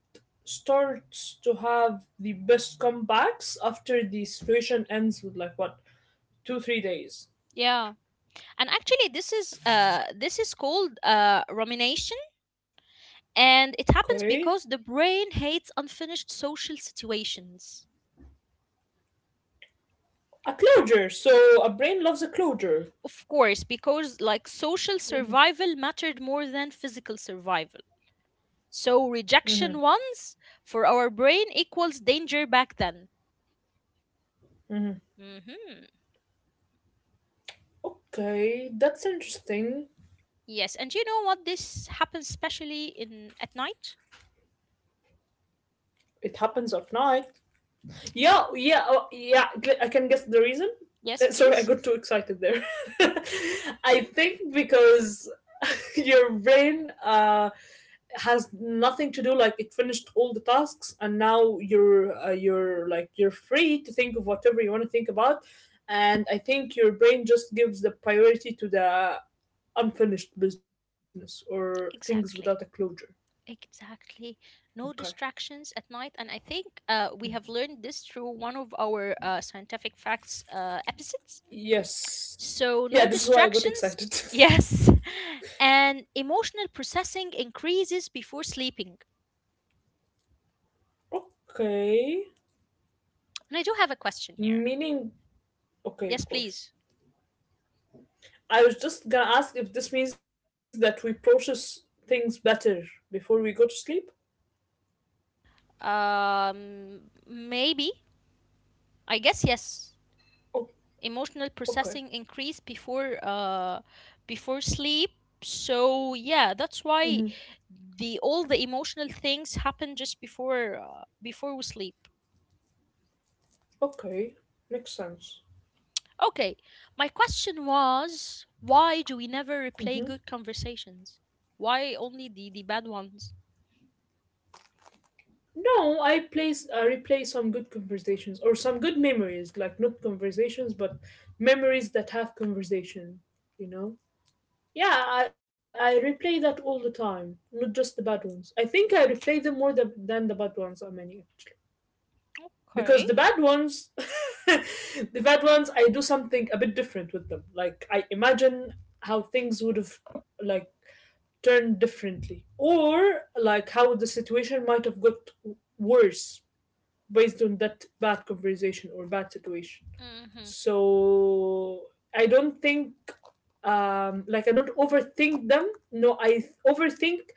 Speaker 2: starts to have the best comebacks after the situation ends with like what 2, 3 days.
Speaker 1: Yeah. And actually this is called rumination, and it happens
Speaker 2: Okay,
Speaker 1: because the brain hates unfinished social situations.
Speaker 2: a closure. So a brain loves a closure.
Speaker 1: Of course, because like social survival mattered more than physical survival. So rejection once for our brain equals danger back then. Mhm.
Speaker 2: Okay, that's interesting.
Speaker 1: Yes, and you know what? This happens especially in at night.
Speaker 2: It happens at night. Yeah, yeah. Oh, yeah. I can guess the reason.
Speaker 1: Yes,
Speaker 2: Sorry, I
Speaker 1: please.
Speaker 2: got too excited there. I think because your brain has nothing to do like it finished all the tasks and now you're free to think of whatever you want to think about. And I think your brain just gives the priority to the unfinished business or things without a
Speaker 1: Exactly.
Speaker 2: closure.
Speaker 1: Exactly.
Speaker 2: Okay.
Speaker 1: No distractions at night. And I think we have learned this through one of our scientific facts episodes.
Speaker 2: Yes.
Speaker 1: So,
Speaker 2: Yeah,
Speaker 1: no
Speaker 2: this is why I got
Speaker 1: distractions?
Speaker 2: excited.
Speaker 1: Yes. And emotional processing increases before sleeping.
Speaker 2: Okay,
Speaker 1: And I do have a question here.
Speaker 2: meaning, okay, of
Speaker 1: Yes,
Speaker 2: course,
Speaker 1: please.
Speaker 2: I was just gonna ask if this means that we process things better before we go to sleep.
Speaker 1: Maybe. I guess yes. Emotional
Speaker 2: Okay.
Speaker 1: processing increase before before sleep. So, yeah, that's
Speaker 2: Hmm.
Speaker 1: why the all the emotional things happen just before before we sleep.
Speaker 2: Okay. Makes sense.
Speaker 1: Okay, my question was, why do we never replay
Speaker 2: Hmm.
Speaker 1: good conversations? Why only the bad ones?
Speaker 2: No, I replay some good conversations or some good memories, like not conversations, but memories that have conversation. You know. Yeah, I replay that all the time, not just the bad ones. I think I replay them more than the bad ones are many.
Speaker 1: Okay.
Speaker 2: Because the bad ones, the bad ones, I do something a bit different with them. Like I imagine how things would have like turned differently or like how the situation might have got worse based on that bad conversation or bad situation.
Speaker 1: Mm-hmm.
Speaker 2: So I don't think like I don't overthink them. No, overthink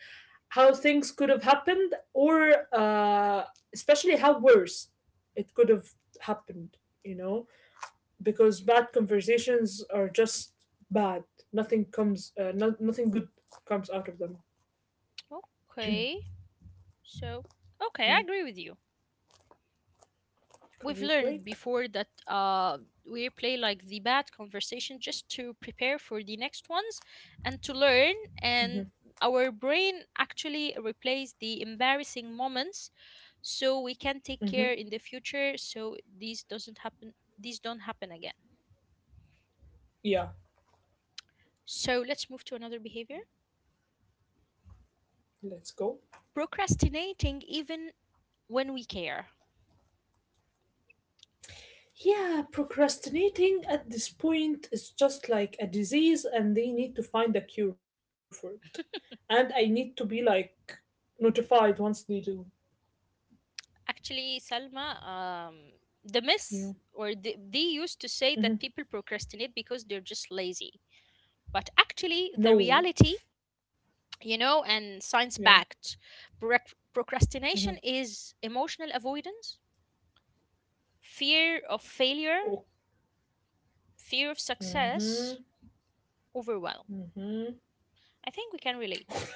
Speaker 2: how things could have happened or especially how worse it could have happened, you know because bad conversations are just bad. Nothing comes nothing good comes out of them
Speaker 1: Okay. So, okay,
Speaker 2: you
Speaker 1: I
Speaker 2: know
Speaker 1: agree with you. We've
Speaker 2: Great,
Speaker 1: learned
Speaker 2: great.
Speaker 1: before that we replay like the bad conversation just to prepare for the next ones and to learn. And our brain actually replays the embarrassing moments so we can take
Speaker 2: Hmm.
Speaker 1: care in the future so these don't happen again.
Speaker 2: Yeah,
Speaker 1: So let's move to another behavior,
Speaker 2: let's go.
Speaker 1: procrastinating even when we care.
Speaker 2: Yeah, procrastinating at this point is just like a disease, and they need to find a cure for it. And I need to be like notified once they do.
Speaker 1: Actually, Salma, the
Speaker 2: You
Speaker 1: myth,
Speaker 2: know.
Speaker 1: or they used to say
Speaker 2: Hmm.
Speaker 1: that people procrastinate because they're just lazy. But actually, the
Speaker 2: No.
Speaker 1: reality, you know, and
Speaker 2: Yeah.
Speaker 1: science backed, procrastination is emotional avoidance, fear of failure,
Speaker 2: Oh.
Speaker 1: fear of success,
Speaker 2: Hmm.
Speaker 1: overwhelm. I think we can relate.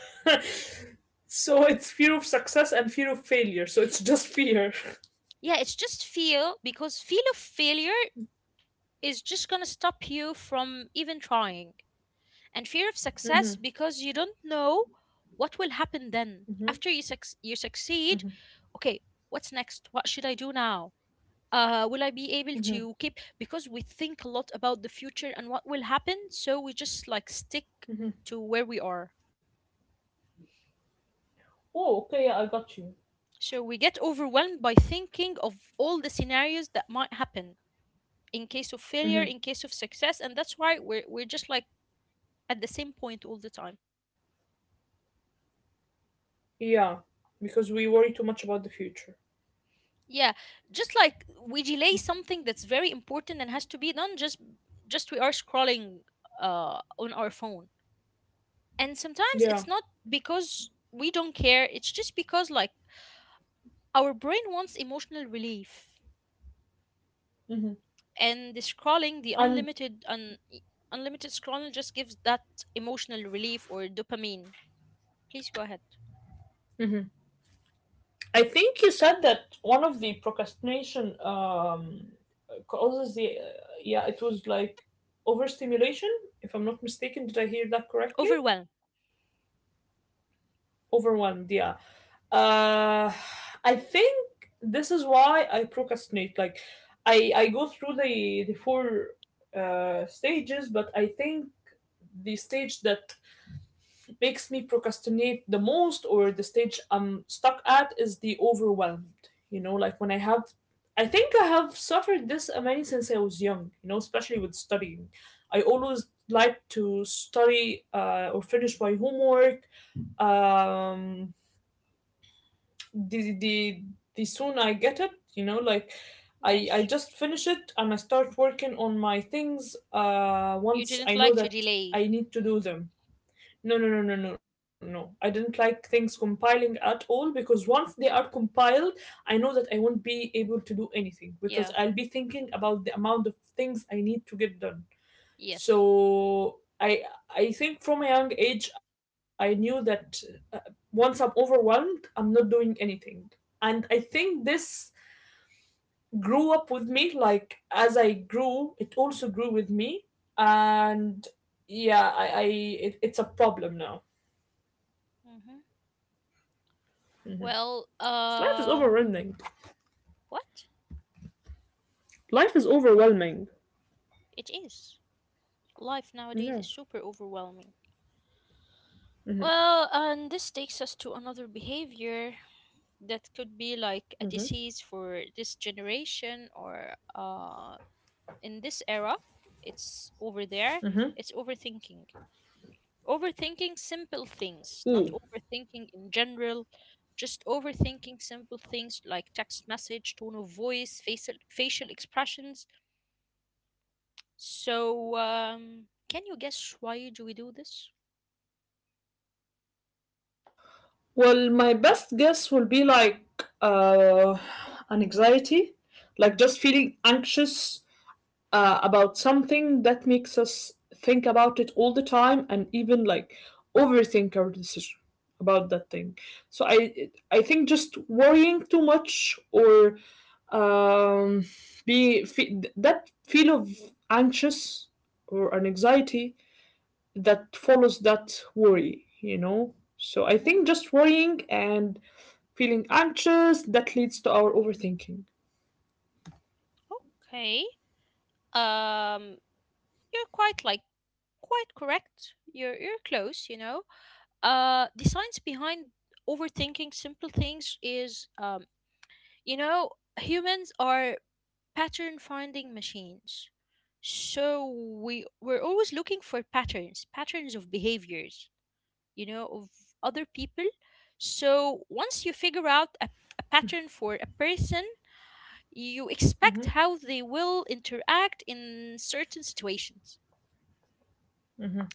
Speaker 2: So it's fear of success and fear of failure. So it's just fear.
Speaker 1: Yeah, it's just fear, because fear of failure is just going to stop you from even trying, and fear of
Speaker 2: Hmm,
Speaker 1: success because you don't know what will happen then.
Speaker 2: hmm.
Speaker 1: After you, you succeed, okay, what's next? What should I do now? Will I be able to keep? Because we think a lot about the future and what will happen, so we just like stick to where we are.
Speaker 2: Oh, okay. Yeah, I got you.
Speaker 1: So we get overwhelmed by thinking of all the scenarios that might happen in case of failure, in case of success, and that's why we're just like at the same point all the time.
Speaker 2: Yeah, because we worry too much about the future.
Speaker 1: Yeah, just like we delay something that's very important and has to be done. Just we are scrolling on our phone, and sometimes
Speaker 2: Yeah.
Speaker 1: it's not because we don't care. It's just because like our brain wants emotional relief,
Speaker 2: Hmm.
Speaker 1: and the scrolling,
Speaker 2: And
Speaker 1: unlimited scrolling, just gives that emotional relief or dopamine. Please go ahead.
Speaker 2: I think you said that one of the procrastination causes yeah, it was like overstimulation, if I'm not mistaken. Did I hear that correctly?
Speaker 1: Overwhelm.
Speaker 2: Overwhelmed, yeah. Uh, I think this is why I procrastinate. Like, I go through the four stages, but I think the stage that makes me procrastinate the most or the stage I'm stuck at is the overwhelmed. Like when I have, I think I have suffered this many since I was young, especially with studying. I always like to study or finish my homework. Um, the, the, the soon I get it, like I
Speaker 1: Yes.
Speaker 2: just finish it and I start working on my things
Speaker 1: You
Speaker 2: once
Speaker 1: didn't
Speaker 2: I know
Speaker 1: like to
Speaker 2: that
Speaker 1: delay.
Speaker 2: I need to do them. No, no, no, no, no, no. I didn't like things compiling at all because once they are compiled, I know that I won't be able to do anything because
Speaker 1: Yeah.
Speaker 2: I'll be thinking about the amount of things I need to get done.
Speaker 1: Yes.
Speaker 2: So I think from a young age I knew that uh, once I'm overwhelmed, I'm not doing anything. And I think this grew up with me, like as I grew, it also grew with me and yeah, it's a problem now.
Speaker 1: Mm-hmm. Well,
Speaker 2: Life is overwhelming.
Speaker 1: what?
Speaker 2: Life is overwhelming.
Speaker 1: It is. Life nowadays
Speaker 2: Yeah.
Speaker 1: is super overwhelming. Well, and this takes us to another behavior that could be like a
Speaker 2: Mm-hmm.
Speaker 1: disease for this generation or in this era, it's over there,
Speaker 2: Mm-hmm.
Speaker 1: it's overthinking. Overthinking simple
Speaker 2: Ooh.
Speaker 1: things, not overthinking in general, just overthinking simple things like text message, tone of voice, facial expressions. So, can you guess why do we do this?
Speaker 2: Well, my best guess will be like uh, an anxiety, like just feeling anxious about something that makes us think about it all the time and even like overthink our decision about that thing. So I think just worrying too much or um, that feel of anxious or an anxiety that follows that worry, you know? So I
Speaker 1: Hmm.
Speaker 2: think just worrying and feeling anxious that leads to our overthinking.
Speaker 1: Okay. Um, you're quite like quite correct. You're close, you know. The science behind overthinking simple things is you know, humans are pattern finding machines. So we're always looking for patterns, patterns of behaviors, you know, of other people. So once you figure out a pattern for a person, you expect
Speaker 2: Mm-hmm.
Speaker 1: how they will interact in certain situations.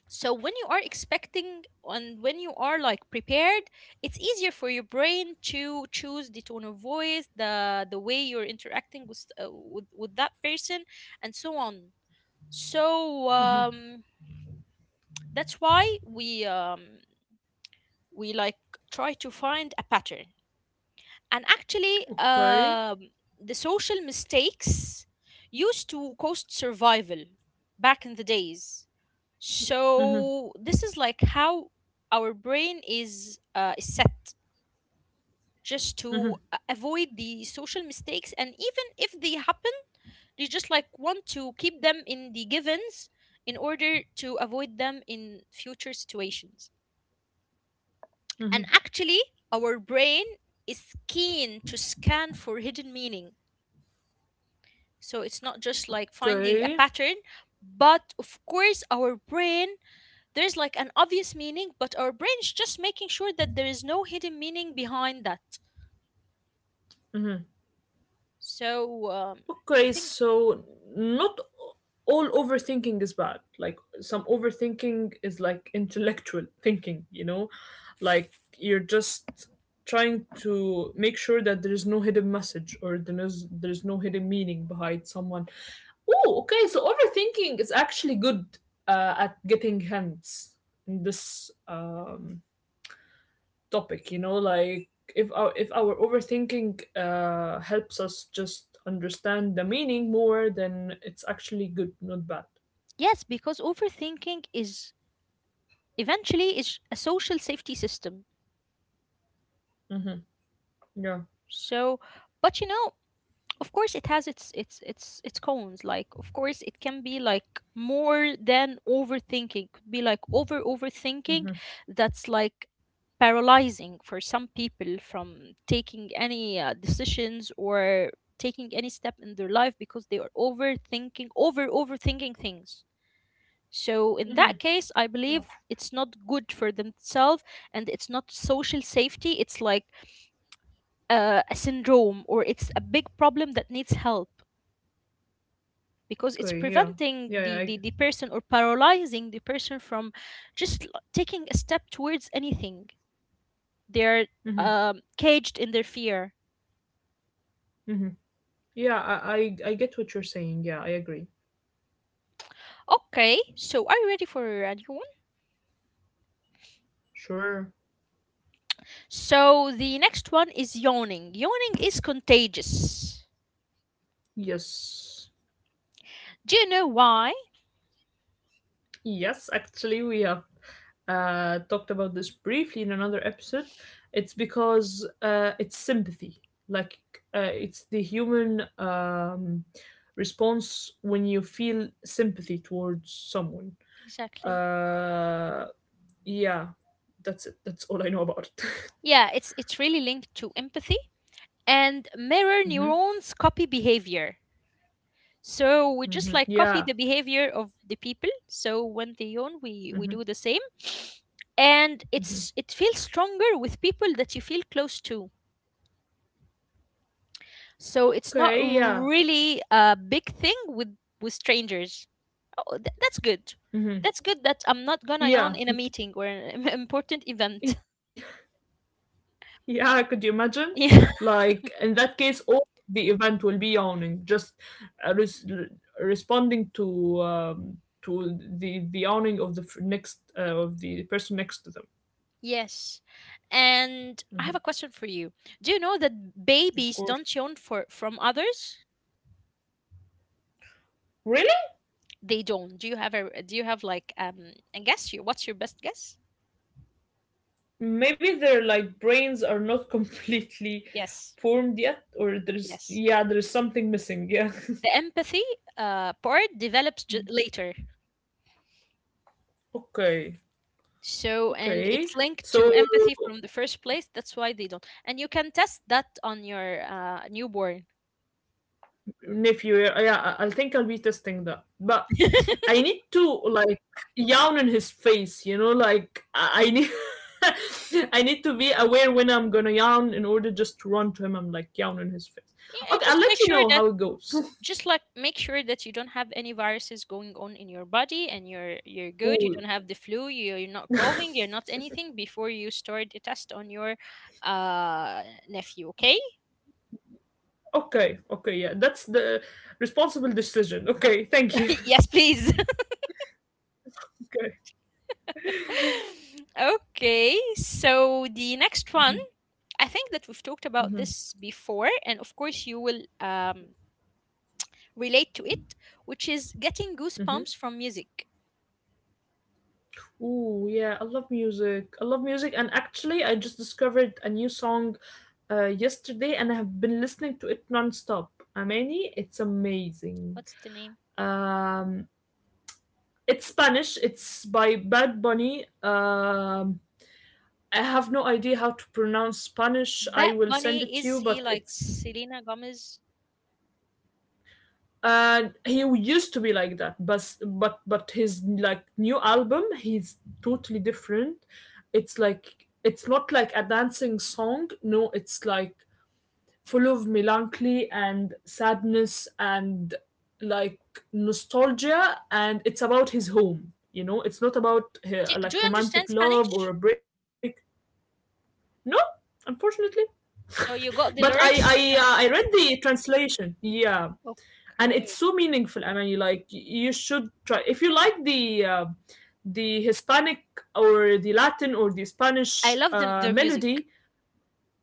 Speaker 1: So when you are expecting and when you are like prepared, it's easier for your brain to choose the tone of voice, the way you're interacting with with that person, and so on. So that's why we like try to find a pattern, and actually
Speaker 2: Okay.
Speaker 1: the social mistakes used to cost survival back in the days.
Speaker 2: Mm-hmm,
Speaker 1: So this is like how our brain is set just
Speaker 2: mm-hmm,
Speaker 1: to avoid the social mistakes, and even if they happen, they just like want to keep them in the givens in order to avoid them in future situations. And
Speaker 2: mm-hmm.
Speaker 1: actually our brain is keen to scan for hidden meaning. So it's not just like finding a
Speaker 2: Okay.
Speaker 1: pattern, but of course, our brain, there's like an obvious meaning, but our brain is just making sure that there is no hidden meaning behind that.
Speaker 2: Mm-hmm.
Speaker 1: So I
Speaker 2: Okay,
Speaker 1: think,
Speaker 2: so not all overthinking is bad. Like some overthinking is like intellectual thinking, you know? Like you're just trying to make sure that there is no hidden message or there's no hidden meaning behind someone. Oh, okay, so overthinking is actually good at getting hints in this topic, you know, like if our overthinking helps us just understand the meaning more, then it's actually good, not bad.
Speaker 1: yes, because overthinking is eventually is a social safety system.
Speaker 2: Mm-hmm. Yeah.
Speaker 1: So, but you know, of course it has its cones, like of course it can be like more than overthinking, could be like overthinking
Speaker 2: Mm-hmm.
Speaker 1: that's like paralyzing for some people from taking any decisions or taking any step in their life because they are overthinking, overthinking things. So in
Speaker 2: Mm-hmm.
Speaker 1: that case I
Speaker 2: Yeah.
Speaker 1: believe it's not good for themselves, and it's not social safety, it's like a syndrome, or it's a big problem that needs help, because it's
Speaker 2: Okay, yeah. yeah,
Speaker 1: preventing
Speaker 2: yeah I,
Speaker 1: the person, or paralyzing the person from taking a step towards anything. They're
Speaker 2: mm-hmm.
Speaker 1: caged in their fear.
Speaker 2: Mm-hmm. Yeah, I get what you're saying. Yeah, I agree.
Speaker 1: Okay, so are you ready for a new one?
Speaker 2: Sure.
Speaker 1: So the next one is yawning. Yawning is contagious.
Speaker 2: Yes.
Speaker 1: Do you know why?
Speaker 2: Yes, actually we have talked about this briefly in another episode. It's because it's sympathy. Like it's the human response when you feel sympathy towards someone.
Speaker 1: Exactly.
Speaker 2: Uh, yeah, that's it. That's all I know about it.
Speaker 1: Yeah, it's really linked to empathy, and mirror
Speaker 2: Hmm.
Speaker 1: neurons copy behavior. So we just
Speaker 2: Hmm.
Speaker 1: like copy
Speaker 2: Yeah.
Speaker 1: the behavior of the people. So when they yawn, we do
Speaker 2: Hmm.
Speaker 1: the same, and
Speaker 2: Hmm.
Speaker 1: it feels stronger with people that you feel close to. So it's not
Speaker 2: Okay. Yeah.
Speaker 1: really a big thing with strangers. Oh, that's good.
Speaker 2: Hmm.
Speaker 1: That's good that I'm not gonna yawn
Speaker 2: Yeah.
Speaker 1: in a meeting or an important event.
Speaker 2: Yeah, could you imagine?
Speaker 1: Yeah.
Speaker 2: Like, in that case, all the event will be yawning, just uh, res- re- responding to the yawning of the f- next of the person next to them.
Speaker 1: Yes. And I have
Speaker 2: Mhm.
Speaker 1: a question for you. Do you know that
Speaker 2: Of
Speaker 1: babies
Speaker 2: course.
Speaker 1: don't yawn for from others?
Speaker 2: Really?
Speaker 1: They don't. Do you have a do you have like a guess? You What's your best guess?
Speaker 2: Maybe their like brains are not completely
Speaker 1: Yes.
Speaker 2: formed yet, or there's
Speaker 1: Yes.
Speaker 2: yeah, there's something missing. Yeah.
Speaker 1: The empathy part develops later.
Speaker 2: Okay.
Speaker 1: So, and
Speaker 2: Okay.
Speaker 1: it's linked
Speaker 2: So
Speaker 1: to empathy from the first place. That's why they don't. And you can test that on your newborn.
Speaker 2: nephew, yeah, yeah I think I'll be testing that, but
Speaker 1: Yeah,
Speaker 2: I need to like yawn in his face, you know, like I need I need to be aware when I'm gonna yawn in order just to run to him, I'm like yawn in his face. Okay, I'll
Speaker 1: just
Speaker 2: let
Speaker 1: make
Speaker 2: you
Speaker 1: sure
Speaker 2: know
Speaker 1: that
Speaker 2: how it goes.
Speaker 1: just like make sure that you don't have any viruses going on in your body and you're good, you
Speaker 2: Ooh.
Speaker 1: don't have the flu, you're not coughing, you're not anything before you start the test on your uh nephew, okay?
Speaker 2: Okay, okay, yeah, that's the responsible decision. Okay, thank you.
Speaker 1: Yes, please.
Speaker 2: Okay.
Speaker 1: Okay, so the next one,
Speaker 2: Mhm,
Speaker 1: I think that we've talked about
Speaker 2: mhm,
Speaker 1: this before, and of course, you will relate to it, which is getting
Speaker 2: mhm.
Speaker 1: goosebumps from music.
Speaker 2: Ooh, yeah, I love music. I love music, and actually, I just discovered a new song yesterday, and I have been listening to it nonstop. Amani, it's amazing.
Speaker 1: What's the name?
Speaker 2: Um, it's Spanish. It's by Bad Bunny. I have no idea how to pronounce Spanish. I
Speaker 1: Bat
Speaker 2: will send it
Speaker 1: Bunny,
Speaker 2: to you,
Speaker 1: is he
Speaker 2: but
Speaker 1: like
Speaker 2: it's
Speaker 1: Selena Gomez?
Speaker 2: and he used to be like that, but his like new album, he's totally different. It's like it's not like a dancing song, no, it's like full of melancholy and sadness and like nostalgia, and it's about his home, you know, it's not about
Speaker 1: Do, do
Speaker 2: like
Speaker 1: you
Speaker 2: romantic
Speaker 1: understand
Speaker 2: love or
Speaker 1: Spanish?
Speaker 2: a break. No, unfortunately.
Speaker 1: So you
Speaker 2: But
Speaker 1: got
Speaker 2: i
Speaker 1: the
Speaker 2: i
Speaker 1: lyrics?
Speaker 2: uh, i read the translation, yeah, and it's so
Speaker 1: Okay.
Speaker 2: meaningful. I mean, you like, you should try if you like the Hispanic or the Latin or the
Speaker 1: I
Speaker 2: Spanish
Speaker 1: love the, their music.
Speaker 2: melody.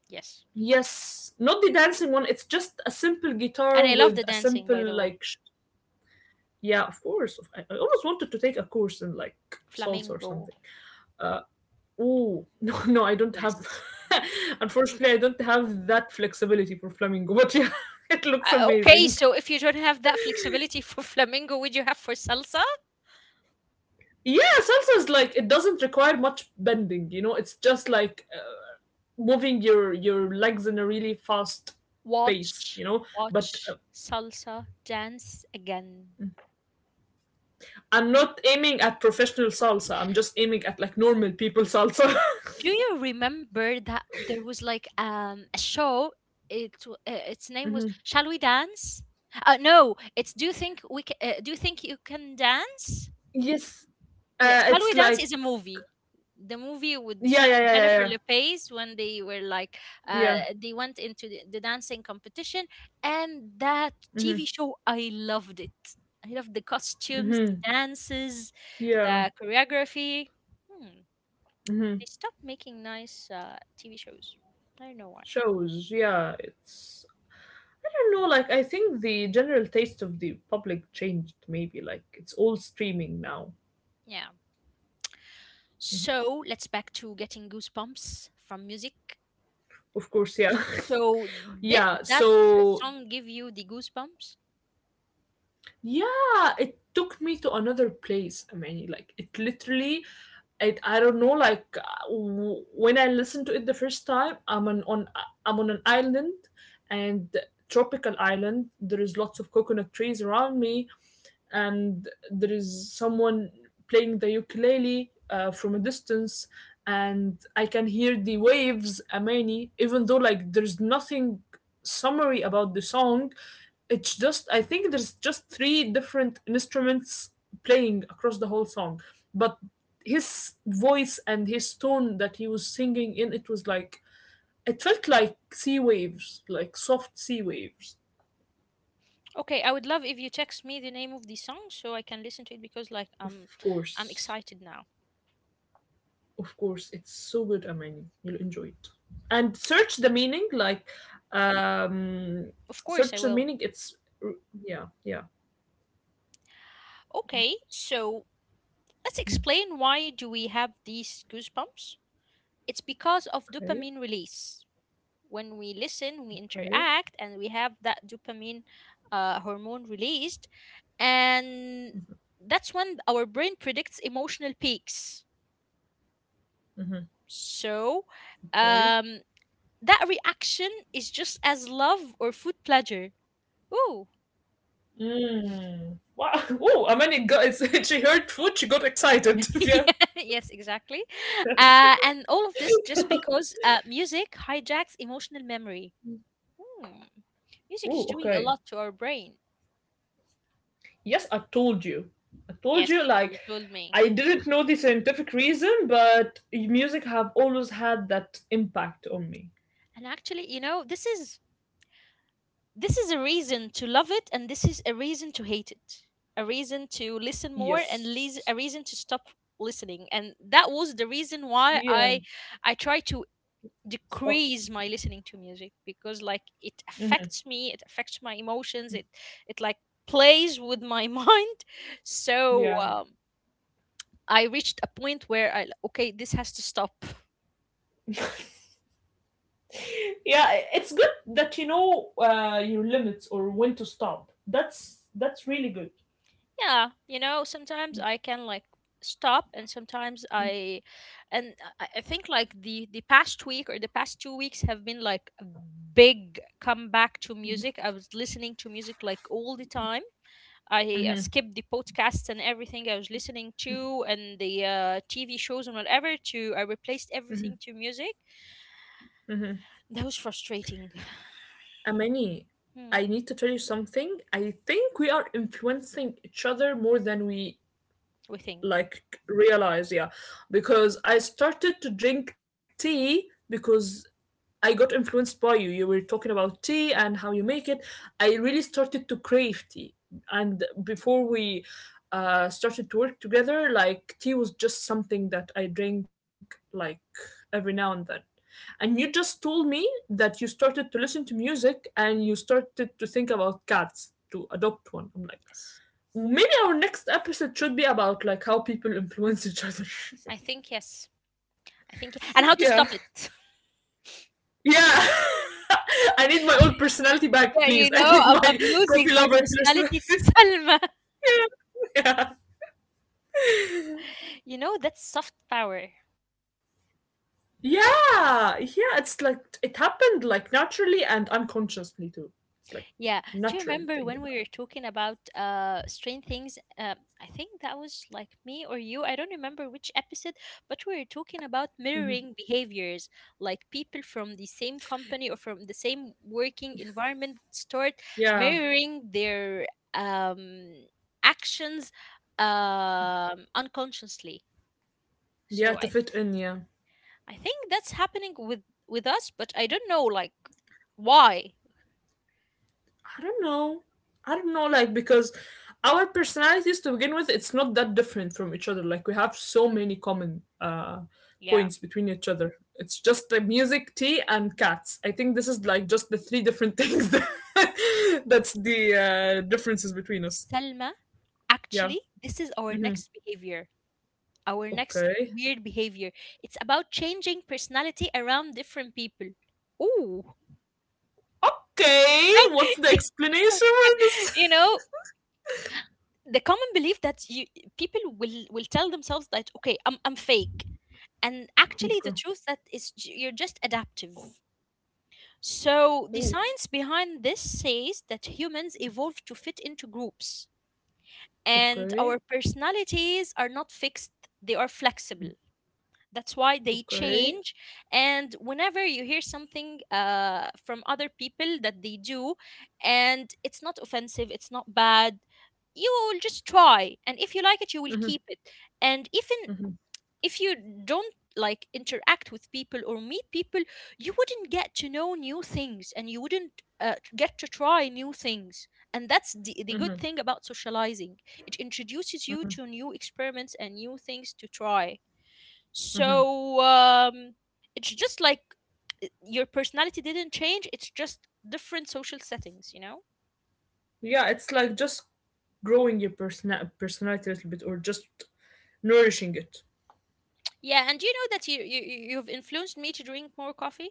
Speaker 1: Yes.
Speaker 2: Yes, not the dancing one, it's just a simple guitar
Speaker 1: And I love
Speaker 2: with
Speaker 1: the
Speaker 2: a
Speaker 1: dancing,
Speaker 2: simple
Speaker 1: by the way.
Speaker 2: like sh- yeah, of course. I almost wanted to take a course in like salsa or
Speaker 1: Flamenco.
Speaker 2: something, uh, oh, no, no, I don't have
Speaker 1: Yes.
Speaker 2: unfortunately I don't have that flexibility for flamingo, but yeah, it looks
Speaker 1: Okay,
Speaker 2: amazing.
Speaker 1: so if you don't have that flexibility for flamingo, would you have for salsa?
Speaker 2: Yeah, salsa is like, it doesn't require much bending. You know, it's just like moving your legs in a really fast pace.
Speaker 1: Watch,
Speaker 2: You know, but
Speaker 1: watch salsa dance again.
Speaker 2: I'm not aiming at professional salsa. I'm just aiming at like normal people salsa.
Speaker 1: Do you remember that there was like a show? Its name was
Speaker 2: Hmm.
Speaker 1: Shall We Dance? No, it's do you think you can dance?
Speaker 2: Yes,
Speaker 1: Yes, Shall
Speaker 2: it's
Speaker 1: We Dance
Speaker 2: like
Speaker 1: is a movie. The movie with
Speaker 2: yeah, yeah, yeah, yeah,
Speaker 1: Jennifer
Speaker 2: yeah,
Speaker 1: Lopez, when they were like,
Speaker 2: yeah,
Speaker 1: they went into the dancing competition, and that
Speaker 2: mm-hmm,
Speaker 1: TV show I loved it. I loved the costumes, the
Speaker 2: mm-hmm,
Speaker 1: dances,
Speaker 2: yeah,
Speaker 1: the choreography. Hmm.
Speaker 2: mm-hmm.
Speaker 1: They stopped making nice TV shows. I don't know why.
Speaker 2: Shows. Yeah, it's I don't know. Like I think the general taste of the public changed. Maybe like it's all streaming now.
Speaker 1: Yeah. So let's back to getting goosebumps from music.
Speaker 2: Of course, yeah.
Speaker 1: So
Speaker 2: Yeah,
Speaker 1: did that
Speaker 2: so
Speaker 1: song give you the goosebumps?
Speaker 2: yeah, it took me to another place. I mean, like it literally it, I don't know, like when I listened to it the first time, I'm on I'm on an island and tropical island. There is lots of coconut trees around me and there is someone playing the ukulele from a distance, and I can hear the waves, Amani, even though like there's nothing summary about the song. It's just I think there's just three different instruments playing across the whole song, but his voice and his tone that he was singing in it was like it felt like sea waves, like soft sea waves.
Speaker 1: Okay, I would love if you text me the name of the song so I can listen to it because like
Speaker 2: Of
Speaker 1: I'm
Speaker 2: course.
Speaker 1: excited now.
Speaker 2: Of course, it's so good, Amani. You'll enjoy it. And search the
Speaker 1: Thing.
Speaker 2: meaning, like, um,
Speaker 1: Of course I
Speaker 2: search the
Speaker 1: will.
Speaker 2: meaning. It's, yeah, yeah.
Speaker 1: Okay, so let's explain, why do we have these goosebumps? It's because of
Speaker 2: Okay,
Speaker 1: dopamine release. When we listen, we
Speaker 2: okay,
Speaker 1: interact and we have that dopamine hormone released, and that's when our brain predicts emotional peaks. So,
Speaker 2: okay.
Speaker 1: um, that reaction is just as love or food pleasure. Ooh.
Speaker 2: Mm. Wow. Oh, Amani got, it's, she heard food, she got excited. Yeah.
Speaker 1: Yeah, yes, exactly. And all of this just because music hijacks emotional memory. Hmm. Music is
Speaker 2: Oh,
Speaker 1: doing a
Speaker 2: okay.
Speaker 1: lot to our brain.
Speaker 2: Yes, I told you. I told you,
Speaker 1: Yes,
Speaker 2: like,
Speaker 1: you told me.
Speaker 2: I didn't know the scientific reason, but music have always had that impact on me.
Speaker 1: And actually, you know, this is a reason to love it, and this is a reason to hate it. A reason to listen more, and
Speaker 2: Yes.
Speaker 1: a reason to stop listening. And that was the reason why
Speaker 2: Yeah.
Speaker 1: I try to
Speaker 2: Stop.
Speaker 1: decrease my listening to music because like it
Speaker 2: Hmm.
Speaker 1: affects me, it affects my emotions, it like plays with my mind. So
Speaker 2: Yeah.
Speaker 1: I reached a point where I okay, this has to stop.
Speaker 2: Yeah, it's good that you know your limits or when to stop. That's really good.
Speaker 1: Yeah, you know, sometimes I can like stop, and sometimes I and I I think like the past week or the past 2 weeks have been like a big comeback to music. I was listening to music like all the time. I
Speaker 2: Mm-hmm,
Speaker 1: skipped the podcasts and everything I was listening to, and the TV shows and whatever, to I replaced
Speaker 2: mm-hmm,
Speaker 1: everything to music.
Speaker 2: mm-hmm.
Speaker 1: That was frustrating.
Speaker 2: Amani,
Speaker 1: Hmm.
Speaker 2: I need to tell you something. I think we are influencing each other more than we
Speaker 1: We think.
Speaker 2: like realize, yeah. Because I started to drink tea because I got influenced by you. You were talking about tea and how you make it. I really started to crave tea. And before we started to work together, like tea was just something that I drink like every now and then. And you just told me that you started to listen to music and you started to think about cats to adopt one. I'm like,
Speaker 1: Yes.
Speaker 2: maybe our next episode should be about like how people influence each other.
Speaker 1: I think yes. I think, and
Speaker 2: Yeah.
Speaker 1: how to stop it.
Speaker 2: Yeah. I need my old personality back,
Speaker 1: Yeah,
Speaker 2: please.
Speaker 1: you
Speaker 2: I need
Speaker 1: know, I'm,
Speaker 2: my
Speaker 1: I'm
Speaker 2: coffee
Speaker 1: losing my
Speaker 2: lover personality.
Speaker 1: personality to Salma.
Speaker 2: Yeah. Yeah.
Speaker 1: You know, that's soft power.
Speaker 2: Yeah, yeah. It's like it happened like naturally and unconsciously too. It's like
Speaker 1: Yeah. Do you
Speaker 2: natural
Speaker 1: remember when
Speaker 2: thing.
Speaker 1: we were
Speaker 2: Happened.
Speaker 1: talking about Strange Things? I think that was like me or you. I don't remember which episode, but we were talking about mirroring behaviors. Like people from the same company or from the same working environment start
Speaker 2: Yeah.
Speaker 1: mirroring their um actions unconsciously.
Speaker 2: Yeah,
Speaker 1: So
Speaker 2: to
Speaker 1: I
Speaker 2: fit
Speaker 1: th-
Speaker 2: in, yeah.
Speaker 1: I think that's happening with us, but I don't know like why.
Speaker 2: I don't know. I don't know, like, because our personalities to begin with, it's not that different from each other. Like, we have so many common
Speaker 1: Yeah.
Speaker 2: points between each other. It's just the music, tea, and cats. I think this is like just the three different things that, that's the differences between us.
Speaker 1: Selma, actually
Speaker 2: Yeah.
Speaker 1: this is our next
Speaker 2: Hmm.
Speaker 1: behavior, our next
Speaker 2: Okay.
Speaker 1: weird behavior. It's about changing personality around different people. Ooh.
Speaker 2: Okay. What's the explanation for
Speaker 1: You
Speaker 2: this?
Speaker 1: know, the common belief that you people will tell themselves that okay, I'm fake, and actually
Speaker 2: Okay.
Speaker 1: the truth that is you're just adaptive. So the
Speaker 2: Oh.
Speaker 1: science behind this says that humans evolve to fit into groups, and
Speaker 2: Okay.
Speaker 1: our personalities are not fixed. They are flexible. That's why they
Speaker 2: Okay.
Speaker 1: change. And whenever you hear something from other people that they do, and it's not offensive, it's not bad, you will just try, and if you like it, you will keep it. And even if you don't like interact with people or meet people, you wouldn't get to know new things, and you wouldn't get to try new things. And that's the good thing about socializing. It introduces you to new experiments and new things to try.
Speaker 2: Mm-hmm.
Speaker 1: so um, it's just like your personality didn't change. It's just different social settings, you know.
Speaker 2: Yeah, it's like just growing your person- personality a little bit or just nourishing it.
Speaker 1: Yeah, and you know that you've influenced me to drink more coffee.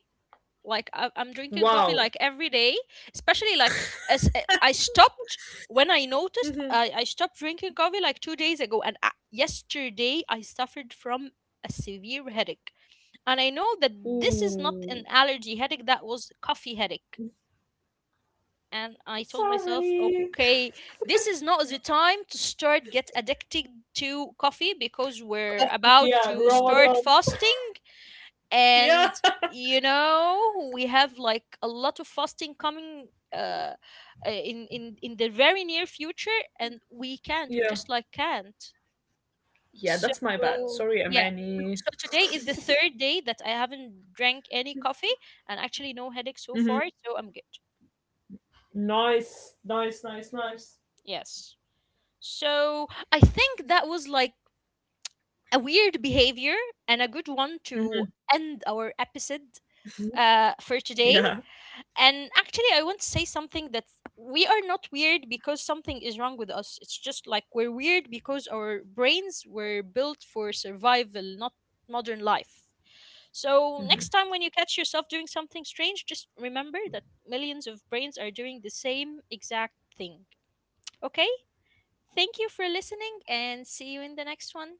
Speaker 1: Like I'm drinking
Speaker 2: Wow.
Speaker 1: coffee like every day, especially like as I stopped when I noticed
Speaker 2: Mhm.
Speaker 1: I stopped drinking coffee like 2 days ago, and yesterday I suffered from a severe headache, and I know that this is
Speaker 2: Ooh.
Speaker 1: not an allergy headache. That was coffee headache. And I told myself,
Speaker 2: Sorry.
Speaker 1: okay, this is not the time to start get addicted to coffee because we're about
Speaker 2: Yeah,
Speaker 1: to start
Speaker 2: Ramadan.
Speaker 1: fasting.
Speaker 2: Yeah.
Speaker 1: And you know we have like a lot of fasting coming uh in the very near future, and we
Speaker 2: Yeah.
Speaker 1: just like can't.
Speaker 2: Yeah,
Speaker 1: So
Speaker 2: that's my bad. Sorry,
Speaker 1: yeah. So
Speaker 2: Amani.
Speaker 1: today is the third day that I haven't drank any coffee, and actually no headache
Speaker 2: Mm-hmm.
Speaker 1: so far, so I'm good.
Speaker 2: Nice, nice, nice, nice.
Speaker 1: Yes. So I think that was like a weird behavior and a good one to end our episode for
Speaker 2: Yeah.
Speaker 1: today. And actually, I want to say something that we are not weird because something is wrong with us. It's just like we're weird because our brains were built for survival, not modern life. So next time when you catch yourself doing something strange, just remember that millions of brains are doing the same exact thing. Okay? Thank you for listening, and see you in the next one.